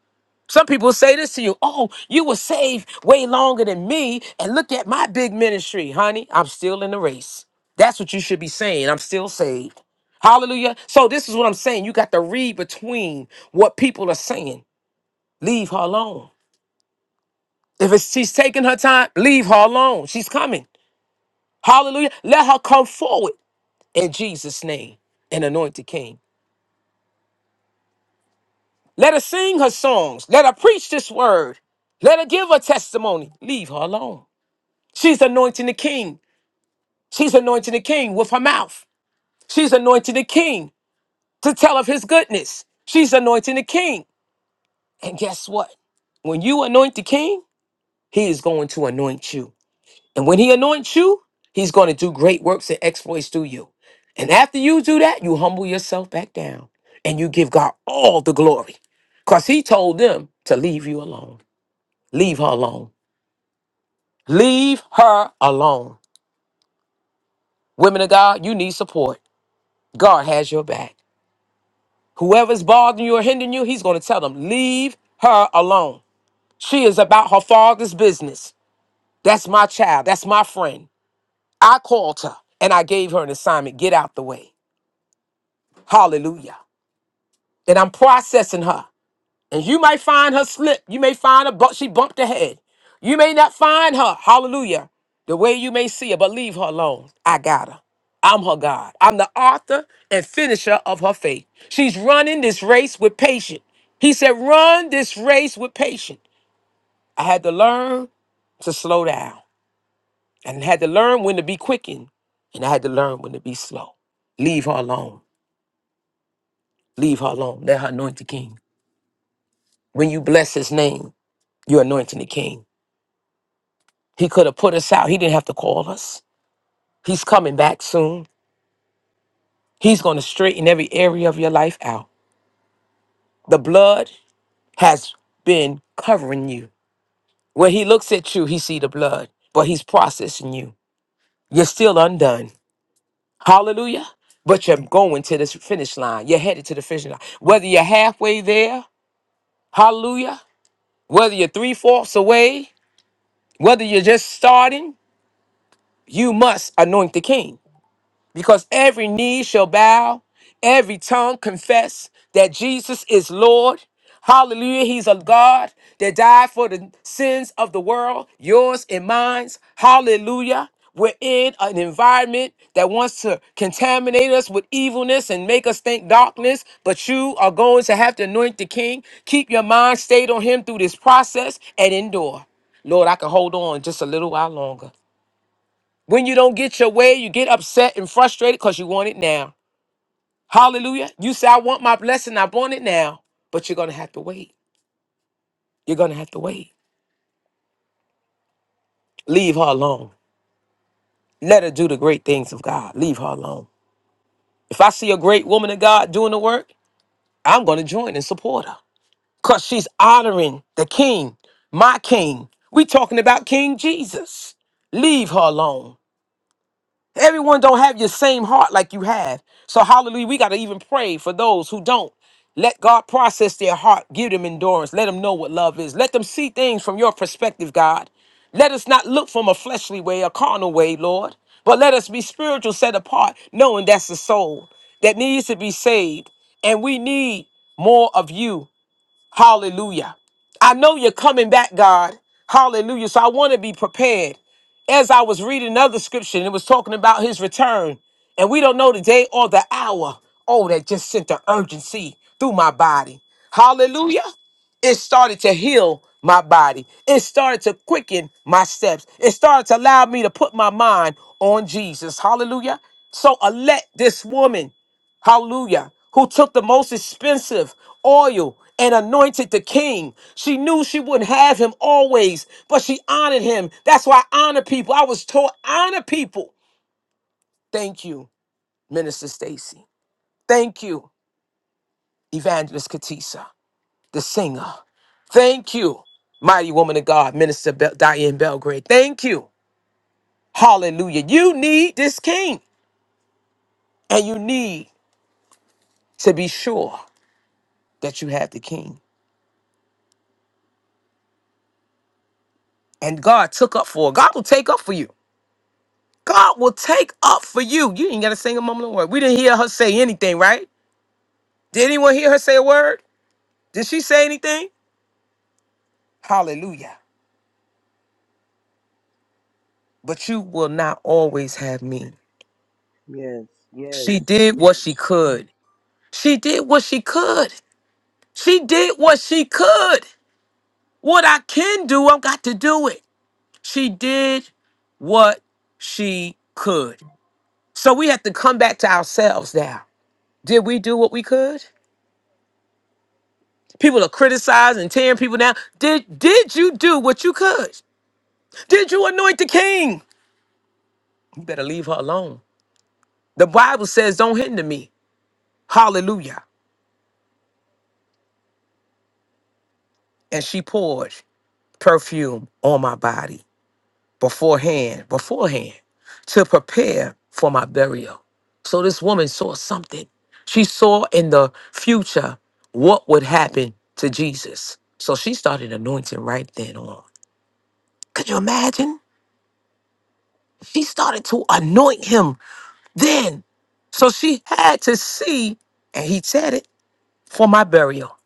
Speaker 1: Some people say this to you, oh, you were saved way longer than me, and look at my big ministry, honey. I'm still in the race. That's what you should be saying. I'm still saved. Hallelujah. So, this is what I'm saying. You got to read between what people are saying. Leave her alone. If it's, she's taking her time, leave her alone. She's coming. Hallelujah. Let her come forward in Jesus' name, an anointed king. Let her sing her songs. Let her preach this word. Let her give her testimony. Leave her alone. She's anointing the king. She's anointing the king with her mouth. She's anointing the king to tell of his goodness. She's anointing the king. And guess what? When you anoint the king, he is going to anoint you. And when he anoints you, he's going to do great works and exploits through you. And after you do that, you humble yourself back down and you give God all the glory. Because he told them to leave you alone. Leave her alone. Leave her alone. Women of God, you need support. God has your back. Whoever's bothering you or hindering you, he's going to tell them, leave her alone. She is about her father's business. That's my child. That's my friend. I called her and I gave her an assignment. Get out the way. Hallelujah. that I'm processing her. And you might find her slip. You may find her, but she bumped her head. You may not find her, hallelujah, the way you may see her, but leave her alone. I got her. I'm her God. I'm the author and finisher of her faith. She's running this race with patience. He said, run this race with patience. I had to learn to slow down and had to learn when to be quickened and I had to learn when to be slow. Leave her alone. Leave her alone. Let her anoint the king. When you bless his name, You're anointing the king. He could have put us out. He didn't have to call us. He's coming back soon. He's going to straighten every area of your life out. The blood has been covering you. When he looks at you, he see the blood, but he's processing you. You're still undone. Hallelujah. But you're going to this finish line. You're headed to the finish line. Whether you're halfway there, hallelujah, whether you're three fourths away, whether you're just starting, you must anoint the king. because every knee shall bow, every tongue confess that Jesus is Lord. Hallelujah. He's a God that died for the sins of the world, yours and mine. Hallelujah. We're in an environment that wants to contaminate us with evilness and make us think darkness, but you are going to have to anoint the king. Keep your mind stayed on him through this process and endure. Lord, I can hold on just a little while longer. When you don't get your way, you get upset and frustrated because you want it now. Hallelujah. You say, I want my blessing, I want it now. But you're going to have to wait. You're going to have to wait. Leave her alone. Let her do the great things of God. Leave her alone. If I see a great woman of God doing the work, I'm going to join and support her because she's honoring the king, my king. we talking about King Jesus. Leave her alone. Everyone don't have your same heart like you have. So hallelujah, we got to even pray for those who don't. Let God process their heart, give them endurance, let them know what love is. Let them see things from your perspective, God. Let us not look from a fleshly way, a carnal way, Lord, but let us be spiritual, set apart, knowing that's the soul that needs to be saved. And we need more of you. Hallelujah. I know you're coming back, God. Hallelujah. So I want to be prepared as I was reading another scripture, and it was talking about his return, and we don't know the day or the hour. Oh, that just sent the urgency through my body. Hallelujah. It started to heal my body. It started to quicken my steps. It started to allow me to put my mind on Jesus. Hallelujah. So I let this woman Hallelujah. Who took the most expensive oil and anointed the king. She knew she wouldn't have him always, but she honored him. That's why I honor people. I was taught honor people. Thank you, Minister Stacy. Thank you, Evangelist Katisa, the singer. Thank you, mighty woman of God, Minister Bel- Diane Belgrade. Thank you. Hallelujah. You need this king, and you need to be sure that you have the king. And God took up for her. God will take up for you. God will take up for you. You ain't got to sing a mumbling word. We didn't hear her say anything, right? Did anyone hear her say a word? Did she say anything? Hallelujah. But you will not always have me.
Speaker 2: Yes, yes.
Speaker 1: She did what she could. She did what she could. She did what she could. What I can do, I've got to do it. She did what she could. So we have to come back to ourselves now. Did we do what we could? People are criticizing and tearing people down. Did did you do what you could? Did you anoint the king? You better leave her alone. The Bible says, Don't hinder me. Hallelujah. And she poured perfume on my body beforehand, beforehand, to prepare for my burial. So this woman saw something. She saw in the future what would happen to Jesus. So she started anointing right then on. Could you imagine? She started to anoint him Then, so she had to see, and he said it, for my burial.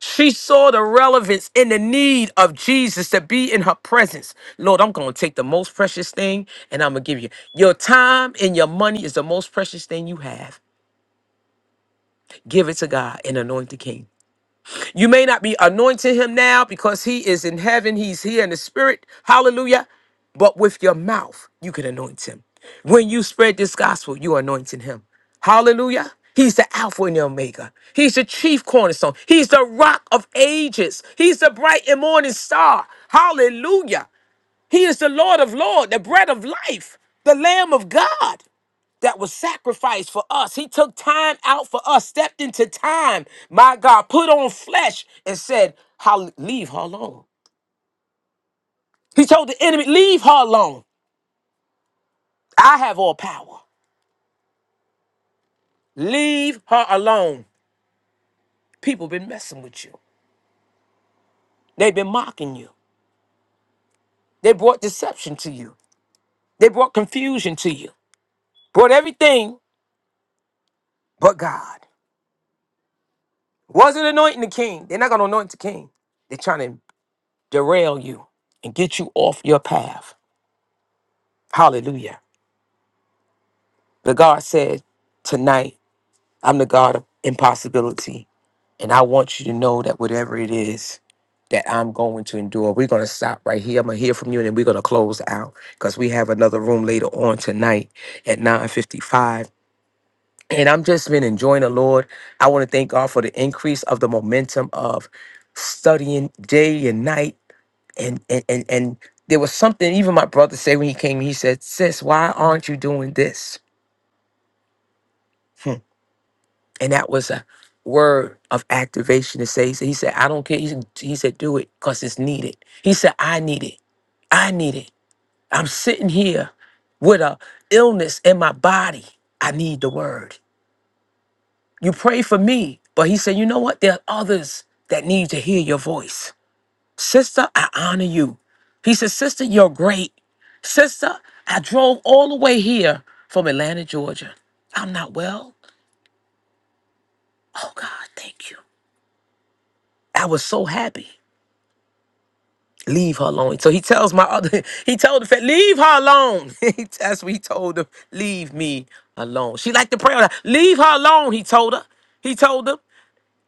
Speaker 1: She saw the relevance and the need of Jesus to be in her presence. Lord, I'm going to take the most precious thing and I'm going to give you. Your time and your money is the most precious thing you have. Give it to God and anoint the king. You may not be anointing him now because he is in heaven. He's here in the spirit. Hallelujah. But with your mouth, you can anoint him. When you spread this gospel, you're anointing him. Hallelujah. He's the Alpha and the Omega. He's the chief cornerstone. He's the rock of ages. He's the bright and morning star. Hallelujah. He is the Lord of Lords, the bread of life, the Lamb of God that was sacrificed for us. He took time out for us, stepped into time, my God, put on flesh and said, "How Leave her alone. He told the enemy, Leave her alone. I have all power. Leave her alone. People been messing with you. They've been mocking you. They brought deception to you. They brought confusion to you. Brought everything but God. Wasn't anointing the king. They're not going to anoint the king. They're trying to derail you and get you off your path. Hallelujah. But God said, Tonight, I'm the God of impossibility. And I want you to know that whatever it is that I'm going to endure, we're going to stop right here. I'm going to hear from you and then we're going to close out because we have another room later on tonight at 9.55. And I'm just been enjoying the Lord. I want to thank God for the increase of the momentum of studying day and night. And, and, and, and there was something, even my brother said when he came, he said, sis, why aren't you doing this? Hmm. And that was a word of activation to say, he said, he said, I don't care. He said, he said, do it because it's needed. He said, I need it. I need it. I'm sitting here with a illness in my body. I need the word. You pray for me. But he said, you know what? There are others that need to hear your voice. Sister, I honor you. He said, sister, you're great. Sister, I drove all the way here from Atlanta, Georgia. I'm not well. Oh God, thank you. I was so happy. leave her alone. So he tells my other, he told the fat, leave her alone. He- That's what he told him, leave me alone. She liked to pray all the time. Leave her alone, he told her. He told them,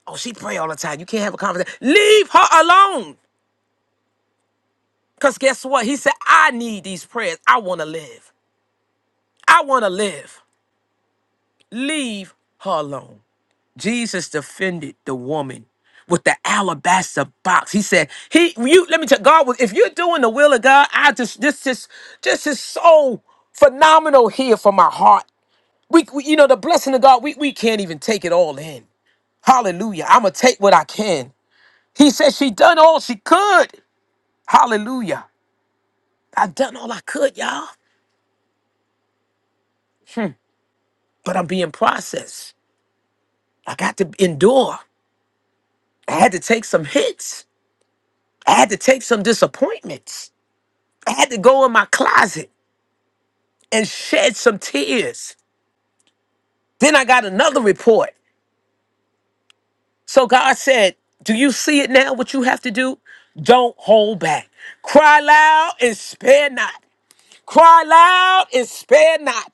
Speaker 1: oh, she pray all the time. You can't have a conversation. Leave her alone. Because guess what? He said, I need these prayers. I want to live. I want to live. Leave her alone. Jesus defended the woman with the alabaster box. He said, "He, you, let me tell God was if you're doing the will of God, I just this is this is so phenomenal here for my heart. We, we you know, the blessing of God, we we can't even take it all in. Hallelujah. I'm gonna take what I can. He said she done all she could. Hallelujah. I done all I could, y'all, but I'm being processed. I got to endure. I had to take some hits. I had to take some disappointments. I had to go in my closet and shed some tears. Then I got another report. So God said, Do you see it now? What you have to do? Don't hold back. Cry loud and spare not. Cry loud and spare not.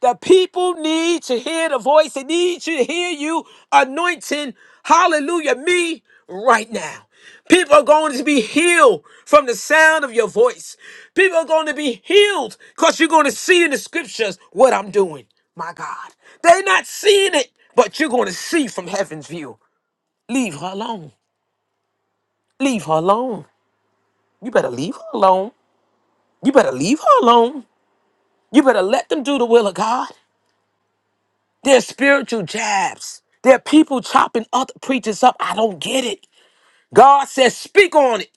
Speaker 1: The people need to hear the voice. They need to hear you anointing, hallelujah, me right now. People are going to be healed from the sound of your voice. People are going to be healed because you're going to see in the scriptures what I'm doing. My God. They're not seeing it, but you're going to see from heaven's view. Leave her alone. Leave her alone. You better leave her alone. You better leave her alone. You better let them do the will of God. They're spiritual jabs. They're people chopping other preachers up. I don't get it. God says, speak on it.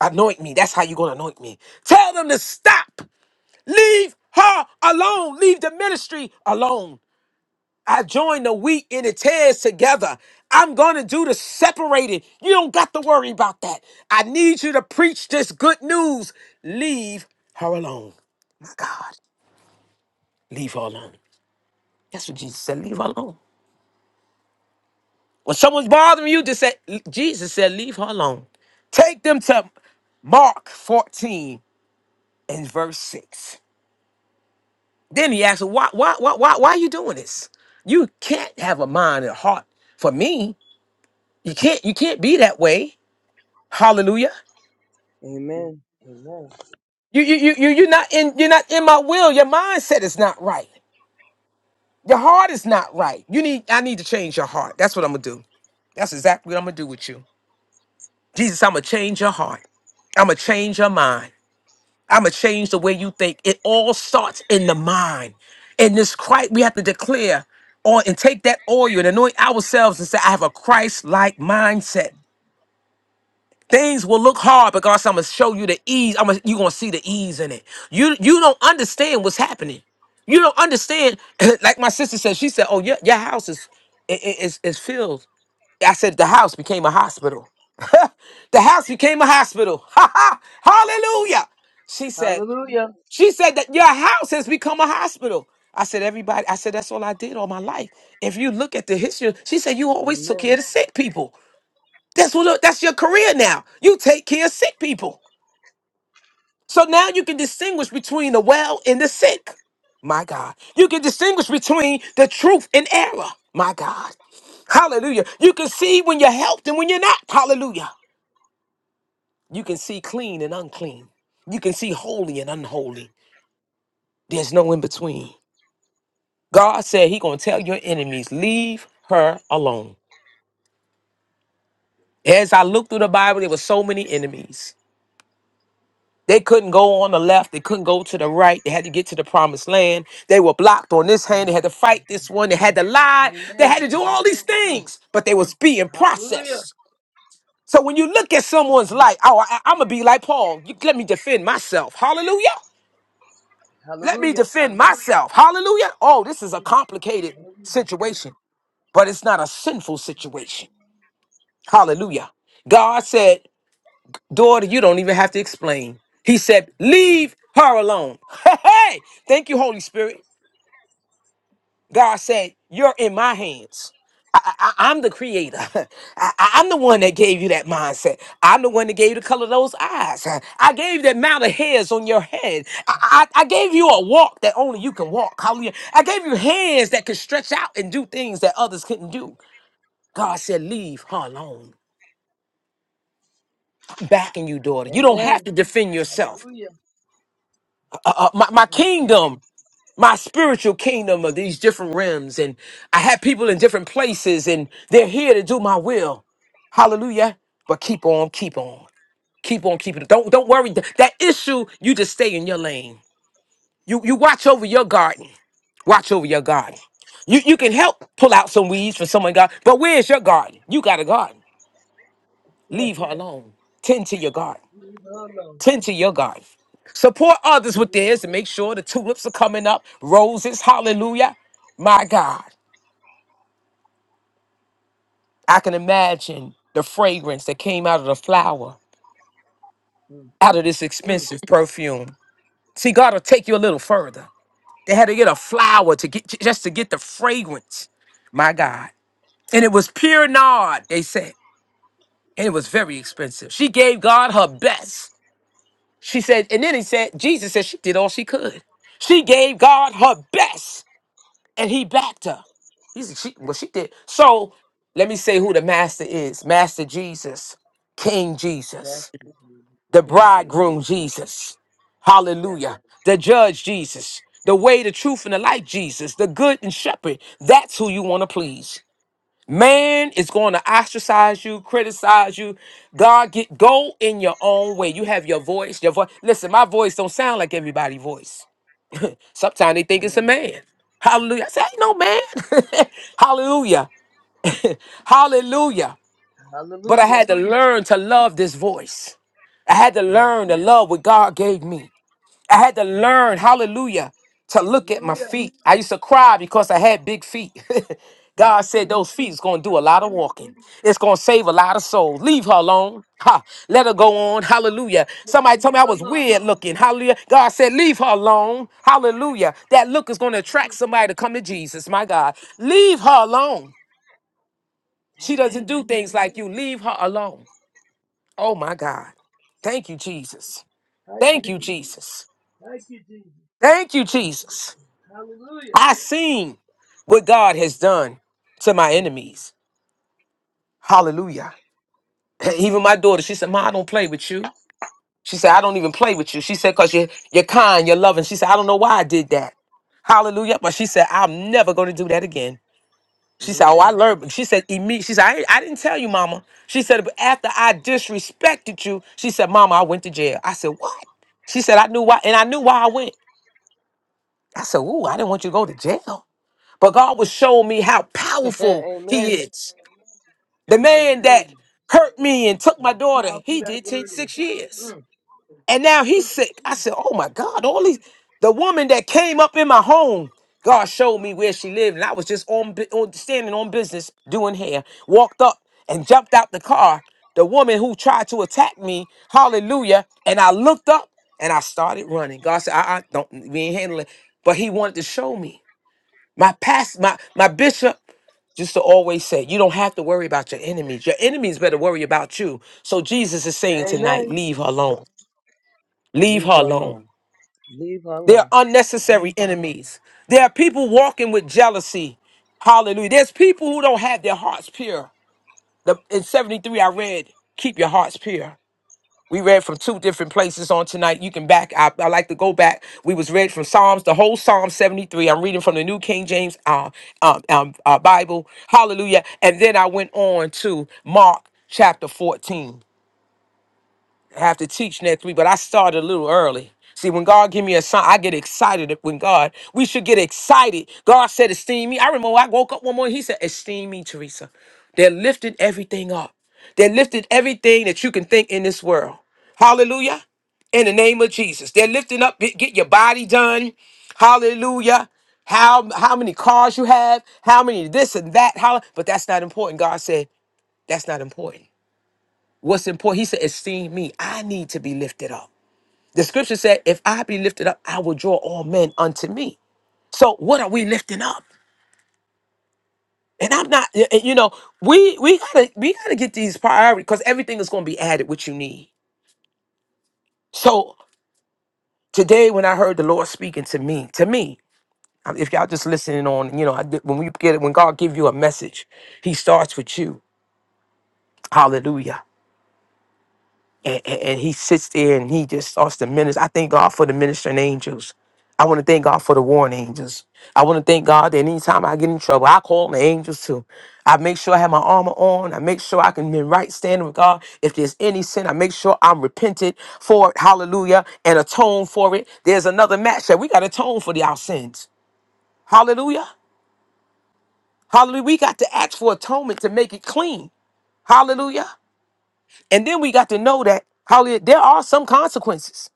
Speaker 1: Anoint me. That's how you're going to anoint me. Tell them to stop. Leave her alone. Leave the ministry alone. I join the wheat and the tares together. I'm going to do the separating. You don't got to worry about that. I need you to preach this good news. Leave her alone. My God, leave her alone. That's what Jesus said. Leave her alone. When someone's bothering you, just say, Jesus said, leave her alone. Take them to Mark 14 and verse 6. Then he asked, why, why, why, why, why are you doing this? You can't have a mind and a heart for me. You can't, you can't be that way. Hallelujah.
Speaker 2: Amen. Amen.
Speaker 1: You, you, you, you, you're not in, you're not in my will. Your mindset is not right. Your heart is not right. You need, I need to change your heart. That's what I'm gonna do. That's exactly what I'm gonna do with you. Jesus, I'm gonna change your heart. I'm gonna change your mind. I'm gonna change the way you think. It all starts in the mind. And this Christ, we have to declare on and take that oil and anoint ourselves and say, I have a Christ-like mindset. Things will look hard because I'm gonna show you the ease. I'm gonna, you're gonna see the ease in it. You you don't understand what's happening. You don't understand. like my sister said, she said, "Oh, your your house is i- i- is is filled." I said, "The house became a hospital. the house became a hospital." Hallelujah. She said.
Speaker 2: Hallelujah.
Speaker 1: She said that your house has become a hospital. I said, everybody, I said, that's all I did all my life. If you look at the history, she said, you always took care
Speaker 2: Amen.
Speaker 1: of the sick people. That's what that's your career now. You take care of sick people. So now you can distinguish between the well and the sick. My God. You can distinguish between the truth and error. My God. Hallelujah. You can see when you're helped and when you're not. Hallelujah. You can see clean and unclean. You can see holy and unholy. There's no in between. God said he gonna tell your enemies, leave her alone. As I looked through the Bible, there were so many enemies. They couldn't go on the left, they couldn't go to the right, they had to get to the promised land. They were blocked on this hand, they had to fight this one, they had to lie, they
Speaker 2: Amen.
Speaker 1: had to do all these
Speaker 2: Mm.
Speaker 1: things, but they was being
Speaker 2: Hallelujah.
Speaker 1: processed. So when you look at someone's life, oh, I, I'm gonna be like Paul. You, let me defend myself. Hallelujah. Let me
Speaker 2: Hallelujah.
Speaker 1: defend myself. Hallelujah. Oh, this is a complicated situation, but it's not a sinful situation. Hallelujah. God said, Daughter, you don't even have to explain. He said, Leave her alone. Hey, thank you, Holy Spirit. God said, You're in my hands. I, am the creator. I, am the one that gave you that mindset. I'm the one that gave you the color of those eyes. I gave you the amount of hairs on your head. I, I, I gave you a walk that only you can walk. Hallelujah. I gave you hands that could stretch out and do things that others couldn't do. God said, Leave her alone. backing you, daughter. You don't
Speaker 2: Amen.
Speaker 1: have to defend yourself.
Speaker 2: Hallelujah.
Speaker 1: Uh, uh, my, my
Speaker 2: Mm. Mm.
Speaker 1: kingdom, my spiritual kingdom of these different realms, and I have people in different places, and they're here to do my will. Hallelujah. But keep on, keep on, keep on, keep it. Don't don't worry. Th- That issue, you just stay in your lane. You you watch over your garden. Watch over your garden. You you can help pull out some weeds for someone God, but where's your garden? You got a garden.
Speaker 2: Yeah.
Speaker 1: Leave her alone. Tend to your garden.
Speaker 2: Leave alone.
Speaker 1: Tend to your garden. Support others with theirs and make sure the tulips are coming up, roses, hallelujah. My God, I can imagine the fragrance that came out of the flower,
Speaker 2: Mm.
Speaker 1: out of this
Speaker 2: Mm.
Speaker 1: expensive perfume. See, God will take you a little further. They had to get a flower to get just to get the fragrance. My God. And it was pure nard, they said. And it was very expensive. She gave God her best. She said, and then he said, Jesus said she did all she could. She gave God her best. And he backed her. He's she well, she did. So let me say who the master is. Master Jesus, King
Speaker 2: That's
Speaker 1: Jesus, the
Speaker 2: King Jesus.
Speaker 1: bridegroom Jesus.
Speaker 2: Yes.
Speaker 1: Hallelujah. The judge Jesus. The way, the truth, and the light, Jesus, the good and shepherd. That's who you want to please. Man is going to ostracize you, criticize you. God, get go in your own way. You have your voice, your voice. Listen, my voice don't sound like everybody's voice. Sometimes they think it's a
Speaker 2: Amen.
Speaker 1: man. Hallelujah. I say, ain't no man. Hallelujah. Hallelujah. But I
Speaker 2: Hallelujah.
Speaker 1: had to learn to love this voice. I had to
Speaker 2: Yes.
Speaker 1: learn to love what God gave me. I had to learn, hallelujah, to look at my
Speaker 2: Hallelujah.
Speaker 1: feet. I used to cry because I had big feet. God
Speaker 2: You
Speaker 1: said
Speaker 2: too.
Speaker 1: those feet is going to do a lot of
Speaker 2: Hallelujah.
Speaker 1: walking. It's going to save a lot of souls. Leave her alone. Ha. Let her go on. Hallelujah.
Speaker 2: Yeah,
Speaker 1: Somebody told
Speaker 2: Leave
Speaker 1: me I was
Speaker 2: alone.
Speaker 1: weird looking. Hallelujah. God said, leave her alone. Hallelujah. That look is going to attract
Speaker 2: Mm.
Speaker 1: somebody to come to Jesus. My God. Leave her alone. She
Speaker 2: Amen.
Speaker 1: doesn't do
Speaker 2: Amen.
Speaker 1: things like you. Leave her alone. Oh my God. Thank you, Jesus.
Speaker 2: Thank you,
Speaker 1: Thank you,
Speaker 2: Jesus.
Speaker 1: Jesus.
Speaker 2: Thank you, Jesus.
Speaker 1: Thank you, Jesus.
Speaker 2: Hallelujah.
Speaker 1: I seen what God
Speaker 2: Yeah.
Speaker 1: has done to my
Speaker 2: Mm.
Speaker 1: enemies. Hallelujah. Even my daughter, she said, Ma, I don't play with you. She said, I don't even play with you. She said, because you're, you're kind, you're loving. She said, I don't know why I did that. Hallelujah. But she said, I'm never going to do that again. She said, "Oh, I
Speaker 2: Amen.
Speaker 1: learned." She said, "Immediately." She said, I, I didn't tell you, Mama." She said, "But after I disrespected you, she said, Mama, I went to jail." I said, "What?" She said, "I knew why, and I knew why I went." I said, "Ooh, I didn't want you to go to jail." But God was showing me how powerful He
Speaker 2: Amen.
Speaker 1: is. The man that
Speaker 2: Hallelujah.
Speaker 1: hurt me and took my
Speaker 2: How
Speaker 1: daughter,
Speaker 2: powerful
Speaker 1: he
Speaker 2: that
Speaker 1: did take
Speaker 2: word is.
Speaker 1: six years.
Speaker 2: Mm.
Speaker 1: And now he's sick. I said, Oh my God, all these the woman that came up in my home, God showed me where she lived, and I was just on, bu- on standing on business doing hair, walked up and jumped out the car. The woman who tried to attack me, hallelujah. And I looked up and I started running. God said, I, I don't we ain't handling it. But he wanted to show me. My past, my my bishop used to always say, you don't have to worry about your enemies. Your enemies better worry about you. So Jesus is saying tonight,
Speaker 2: Amen.
Speaker 1: leave her alone. Leave
Speaker 2: Leave
Speaker 1: her
Speaker 2: her
Speaker 1: alone.
Speaker 2: alone. Leave her
Speaker 1: They're
Speaker 2: alone.
Speaker 1: unnecessary enemies. There are people walking with jealousy. Hallelujah. There's people who don't have their hearts pure. The, in 73, I read, Keep Your Hearts Pure. We read from two different places on tonight. You can back. I, I like to go back. We was read from Psalms, the whole Psalm 73. I'm reading from the New King James uh, um, um, uh, Bible. Hallelujah. And then I went on to Mark chapter 14 have to teach next week, but I started a little early. See, when God give me a sign, I get excited. When God, we should get excited. God said, "Esteem me." I remember I woke up one morning. He said, "Esteem me, Teresa." They lifted everything up. They lifted everything that you can think in this world. Hallelujah! In the name of Jesus, they're lifting up. Get get your body done. Hallelujah. How how many cars you have? How many this and that? How? But that's not important. God said that's not important. What's important? He said, Esteem me. I need to be lifted up. The scripture said, If I be lifted up, I will draw all men unto me. So what are we lifting up? And I'm not, y- y- you know, we we gotta we gotta get these priorities because everything is gonna be added what you need. So today, when I heard the Lord speaking to me, to me, um, if y'all just listening on, you know, I did, when we get it, when God give you a message, He starts with you. Hallelujah. and, and- and he sits there and he just starts to minister. I thank God for the ministering angels. I want to thank God for the warning angels. I want to thank God that anytime I get in trouble, I call on the angels too. I make sure I have my armor on. I make sure I can be in right standing with God. If there's any sin, I make sure I'm repented for it. Hallelujah. And atone for it. There's another match that we got to atone for the, our sins. Hallelujah. Hallelujah. We got to ask for atonement to make it clean. Hallelujah. And then we got to know that, hallelujah, there are some consequences.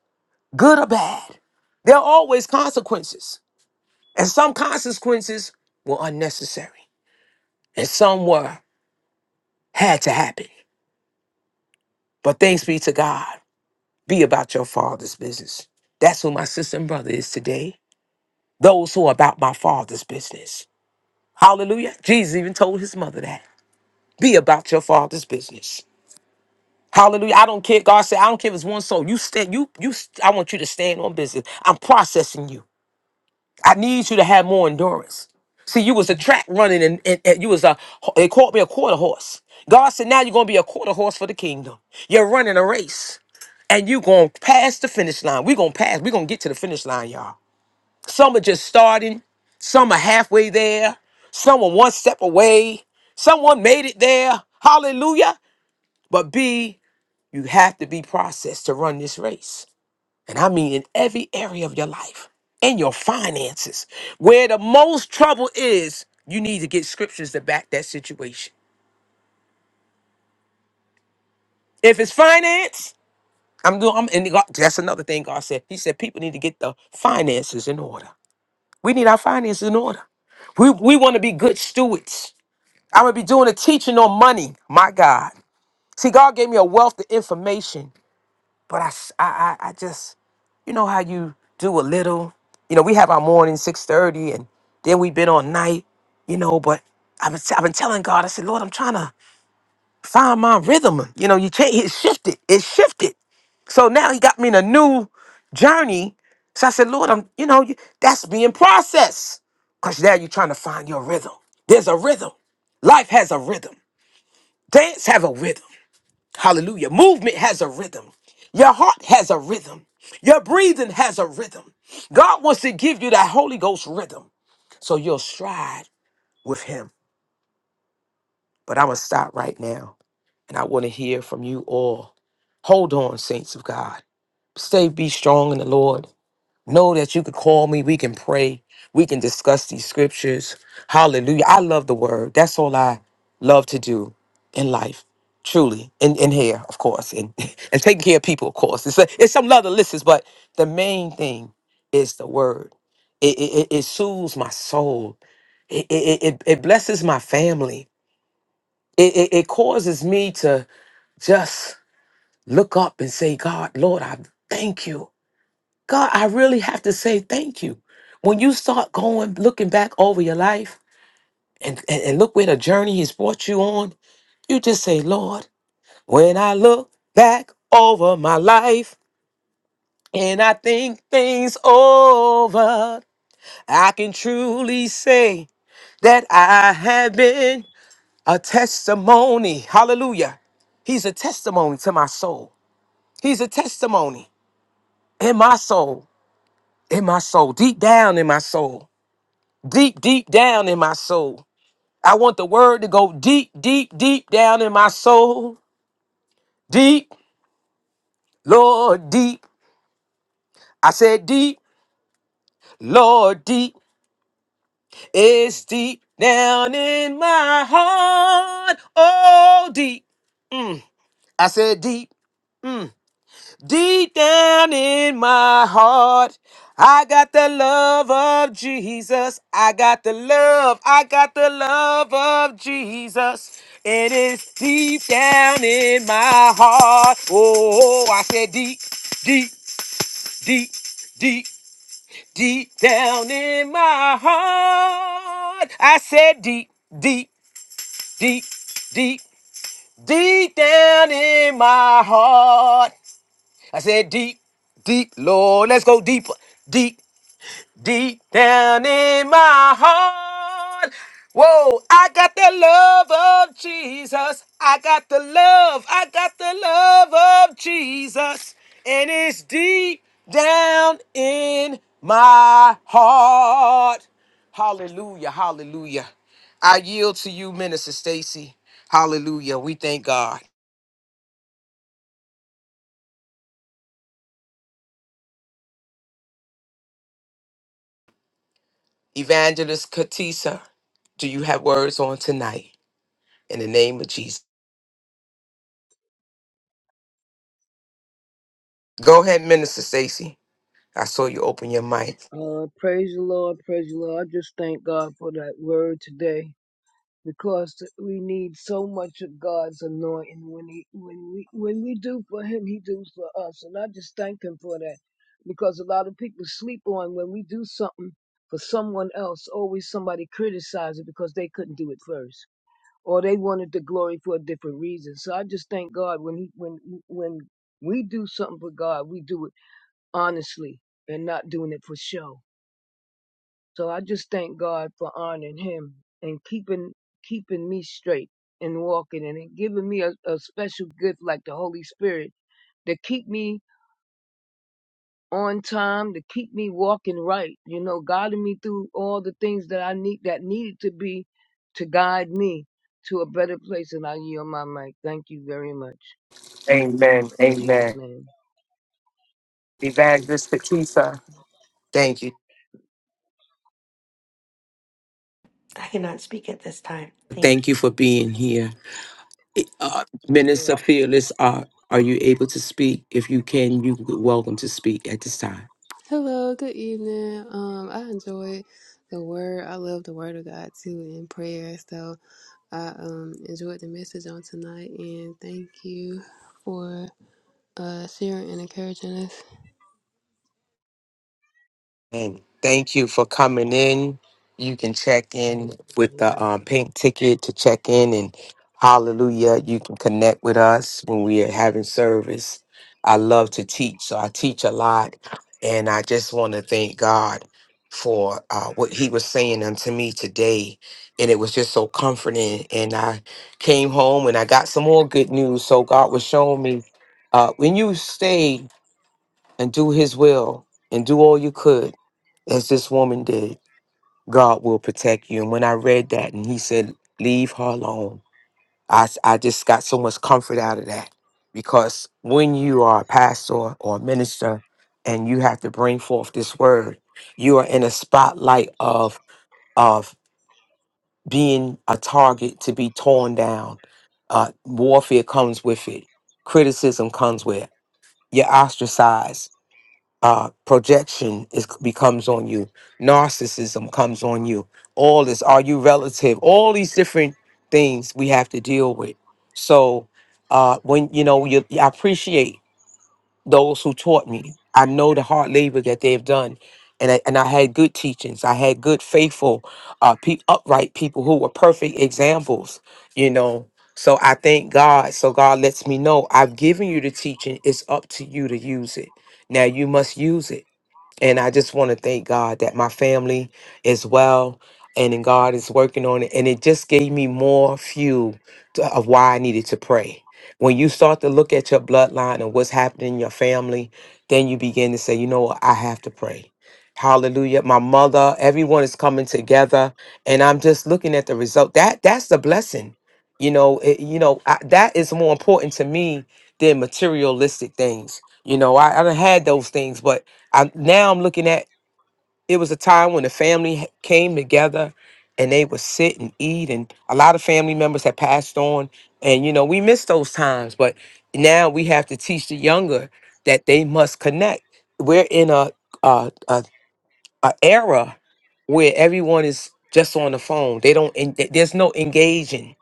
Speaker 1: good or bad. There are always consequences. And some consequences were unnecessary. And some were had to happen. But thanks be to God. Be about your father's business. That's who my sister and brother is today. Those who are about my father's business. Hallelujah. Jesus even told his mother that. Be about your father's business. Hallelujah. I don't care. God said, I don't care if it's one soul. You stand, you, you I want you to stand on business. I'm processing you. I need you to have more endurance. See, you was a track running and, and, and you was a, they called me a quarter horse. God said, now you're going to be a quarter horse for the kingdom. You're running a race and you're going to pass the finish line. We're going to pass. We're going to get to the finish line, y'all. Some are just starting. Some are halfway there. Some are one step away. Someone made it there. Hallelujah. But B, you have to be processed to run this race and I mean in every area of your life, in your finances, where the most trouble is, you need to get scriptures to back that situation. If it's finance, I'm doing. I'm, and God, that's another thing God said. He said people need to get the finances in order. We need our finances in order. We we want to be good stewards. I'm gonna be doing a teaching on money. My God, see, God gave me a wealth of information, but I s- I I- I just you know how you do a little you know we have our morning 6.30 and then we've been on night you know but I've been, I've been telling god i said lord i'm trying to find my rhythm you know you can't it shifted it shifted so now he got me in a new journey so i said lord i'm you know you- that's being processed because now you're trying to find your rhythm there's a rhythm life has a rhythm dance have a rhythm Hallelujah. Movement has a rhythm. Your heart has a rhythm. Your breathing has a rhythm. God wants to give you that Holy Ghost rhythm so you'll stride with Him. But I'm going to stop right now and I want to hear from you all. Hold on, saints of God. Stay, be strong in the Lord. Know that you could call me. We can pray. We can discuss these scriptures. Hallelujah. I love the word. That's all I love to do in life. Truly. And in here, of course. And and taking care of people, of course. It's a, it's some other lists, but the main thing is the word. It it, it it soothes my soul. It it, it, it blesses my family. It, it it causes me to just look up and say, God, Lord, I thank you. God, I really have to say thank you. When you start going, looking back over your life and, and, and look where the journey has brought you on, you just say, Lord, when I look back over my life and I think things over, I can truly say that I have been a testimony. Hallelujah. He's a testimony to my soul. He's a testimony in my soul, in my soul, deep down in my soul. deep, deep down in my soul. I want the word to go deep, deep, deep down in my soul. Deep, Lord, deep. I said deep, Lord, deep. It's deep down in my heart. Oh, deep. Mm. I said deep. Mm. Deep down in my heart, I got the love of Jesus. I got the love. I got the love of Jesus. It is deep down in my heart. Oh, I said deep, deep, deep, deep, deep down in my heart. I said deep, deep, deep, deep, deep down in my heart. I said deep, deep, Lord, let's go deeper, deep, deep down in my heart. Whoa, I got the love of Jesus. I got the love, I got the love of Jesus. And it's deep down in my heart. Hallelujah, hallelujah. I yield to you, Minister Stacy. Hallelujah. We thank God. Evangelist Katisa, do you have words on tonight in the name of Jesus? Go ahead, Minister Stacy. I saw you open your mic.
Speaker 2: Uh, praise the Lord. Praise the Lord. I just thank God for that word today because we need so much of God's anointing. When he, when we, when we do for Him, He does for us, and I just thank Him for that because a lot of people sleep on when we do something for someone else. Always somebody criticizes it because they couldn't do it first, or they wanted the glory for a different reason. So I just thank God when He, when, when we do something for God, we do it honestly and not doing it for show. So I just thank God for honoring him and keeping keeping me straight and walking and it giving me a, a special gift like the Holy Spirit to keep me on time, to keep me walking right, you know, guiding me through all the things that I need that needed to be to guide me to a better place and I yield my mic. Thank you very much. In Jesus' name.
Speaker 1: These are- Thank you.
Speaker 3: I cannot speak at this time. Thank
Speaker 1: Thank
Speaker 3: you.
Speaker 1: you for being here. It- Uh, Minister
Speaker 2: Yes.
Speaker 1: Fearless, uh, are you able to speak? If you can, you are welcome to speak at this time.
Speaker 4: Hello, good evening. Um, I enjoy the word. I love the word of God too in prayer. So I um enjoyed the message on tonight and thank you for uh sharing and encouraging us.
Speaker 1: And thank you for coming in. You can check in with
Speaker 2: amen.
Speaker 1: the um, pink ticket to check in Hallelujah. You can connect with us when we are having service. I love to teach, so I teach a lot. And I just want to thank God for uh, what He was saying unto me today. And it was just so comforting. And I came home and I got some more good news. So God was showing me uh, when you stay and do His will and do all you could, as this woman did, God will protect you. And when I read that, and He said, Leave her alone I, s- I just got so much comfort out of that because when you are a pastor or a minister and you have to bring forth this word, you are in a spotlight of of being a target to be torn down. Uh, warfare comes with it. Criticism comes with it. You're ostracized uh, projection is becomes on you. Narcissism comes on you. All this, are you relative? All these different things we have to deal with. So uh, when you know, you, I appreciate those who taught me. I know the hard labor that they've done, and I, and I had good teachings. I had good, faithful, uh, pe- upright people who were perfect examples. You know. So I thank God. So God lets me know I've given you the teaching. It's up to you to use it. Now you must use it and I just want to thank God that my family is well and then God is working on it. And it just gave me more fuel to, of why I needed to pray. When you start to look at your bloodline and what's happening in your family, then you begin to say, you know what, I have to pray. Hallelujah. My mother, everyone is coming together. And I'm just looking at the result. That that's the blessing. You know, it, you know, I, that is more important to me than materialistic things. You know, I, I done had those things, but I now I'm looking at it was a time when the family h- came together and they would sit and eat and a lot of family members had passed on and you know we miss those times but now we have to teach the younger that they must connect we're in a a, a, a era where everyone is just on the phone they don't en- th- there's no engaging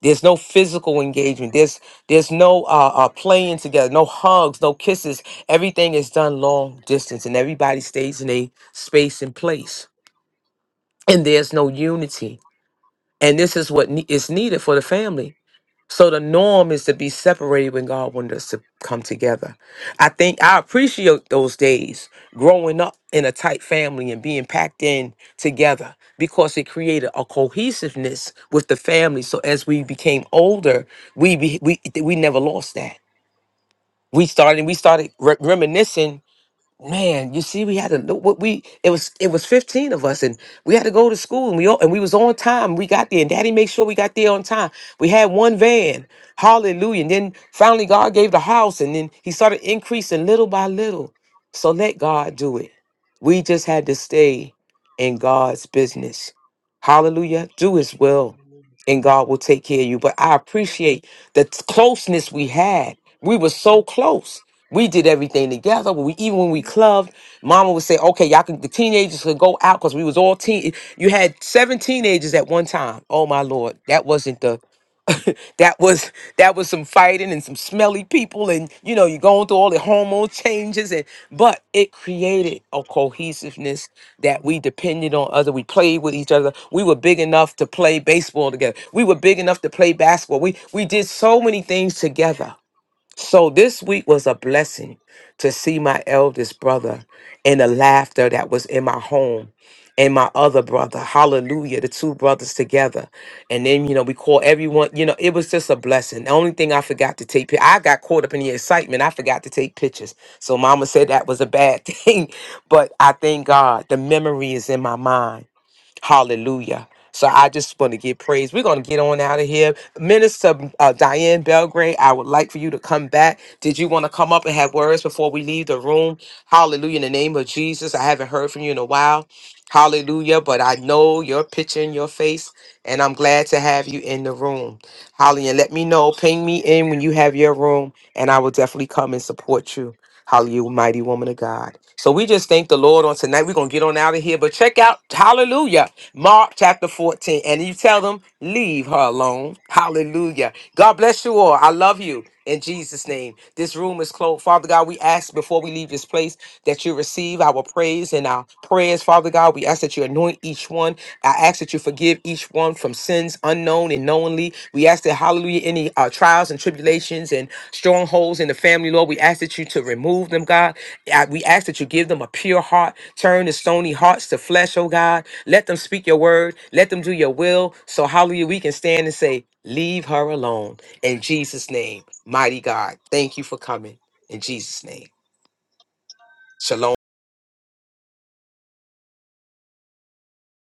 Speaker 1: there's no physical engagement. There's there's no uh, uh, playing together, no hugs, no kisses. Everything is done long distance, and everybody stays in a space and place. And there's no unity. And this is what ne- is needed for the family so the norm is to be separated when God wanted us to come together. I think I appreciate those days growing up in a tight family and being packed in together because it created a cohesiveness with the family. So as we became older, we be, we we never lost that. We started we started re- reminiscing Man, you see, we had to what we it was it was fifteen of us, and we had to go to school, and we all, and we was on time. We got there, and Daddy made sure we got there on time. We had one van, Hallelujah! And then finally, God gave the house, and then He started increasing little by little. So let God do it. We just had to stay in God's business. Hallelujah! Do His will, and God will take care of you. But I appreciate the t- closeness we had. We were so close. We did everything together. When we even when we clubbed, Mama would say, "Okay, y'all can the teenagers could go out because we was all teen. You had seven teenagers at one time. Oh my lord, that wasn't the that was that was some fighting and some smelly people and you know you're going through all the hormone changes and but it created a cohesiveness that we depended on other we played with each other we were big enough to play baseball together we were big enough to play basketball we we did so many things together so this week was a blessing to see my eldest brother and the laughter that was in my home and my other brother. Hallelujah. The two brothers together. And then, you know, we call everyone, you know, it was just a blessing. The only thing I forgot to take pi- I got caught up in the excitement. I forgot to take pictures. So mama said that was a bad thing. But I thank God the memory is in my mind Hallelujah. So I just want to give praise. We're going to get on out of here. Minister uh, Diane Belgrade, I would like for you to come back. Did you want to come up and have words before we leave the room? Hallelujah. In the name of Jesus, I haven't heard from you in a while. Hallelujah. But I know your picture in your face, and I'm glad to have you in the room. Hallelujah. Let me know. Ping me in when you have your room, and I will definitely come and support you. Hallelujah, mighty woman of God. So we just thank the Lord on tonight. We're gonna get on out of here. But check out Hallelujah, Mark chapter 14. And you tell them, leave her alone. Hallelujah. God bless you all. I love you in Jesus' name. This room is closed. Father God, we ask before we leave this place that you receive our praise and our prayers, Father God. We ask that you anoint each one. I ask that you forgive each one from sins unknown and knowingly. We ask that hallelujah, any uh, trials and tribulations and strongholds in the family, Lord. We ask that you to remove them, God. I- We ask that you give them a pure heart, turn the stony hearts to flesh, oh God. Let them speak your word, let them do your will. So, hallelujah, we can stand and say, Leave her alone. In Jesus' name, mighty God, thank you for coming. In Jesus' name, shalom.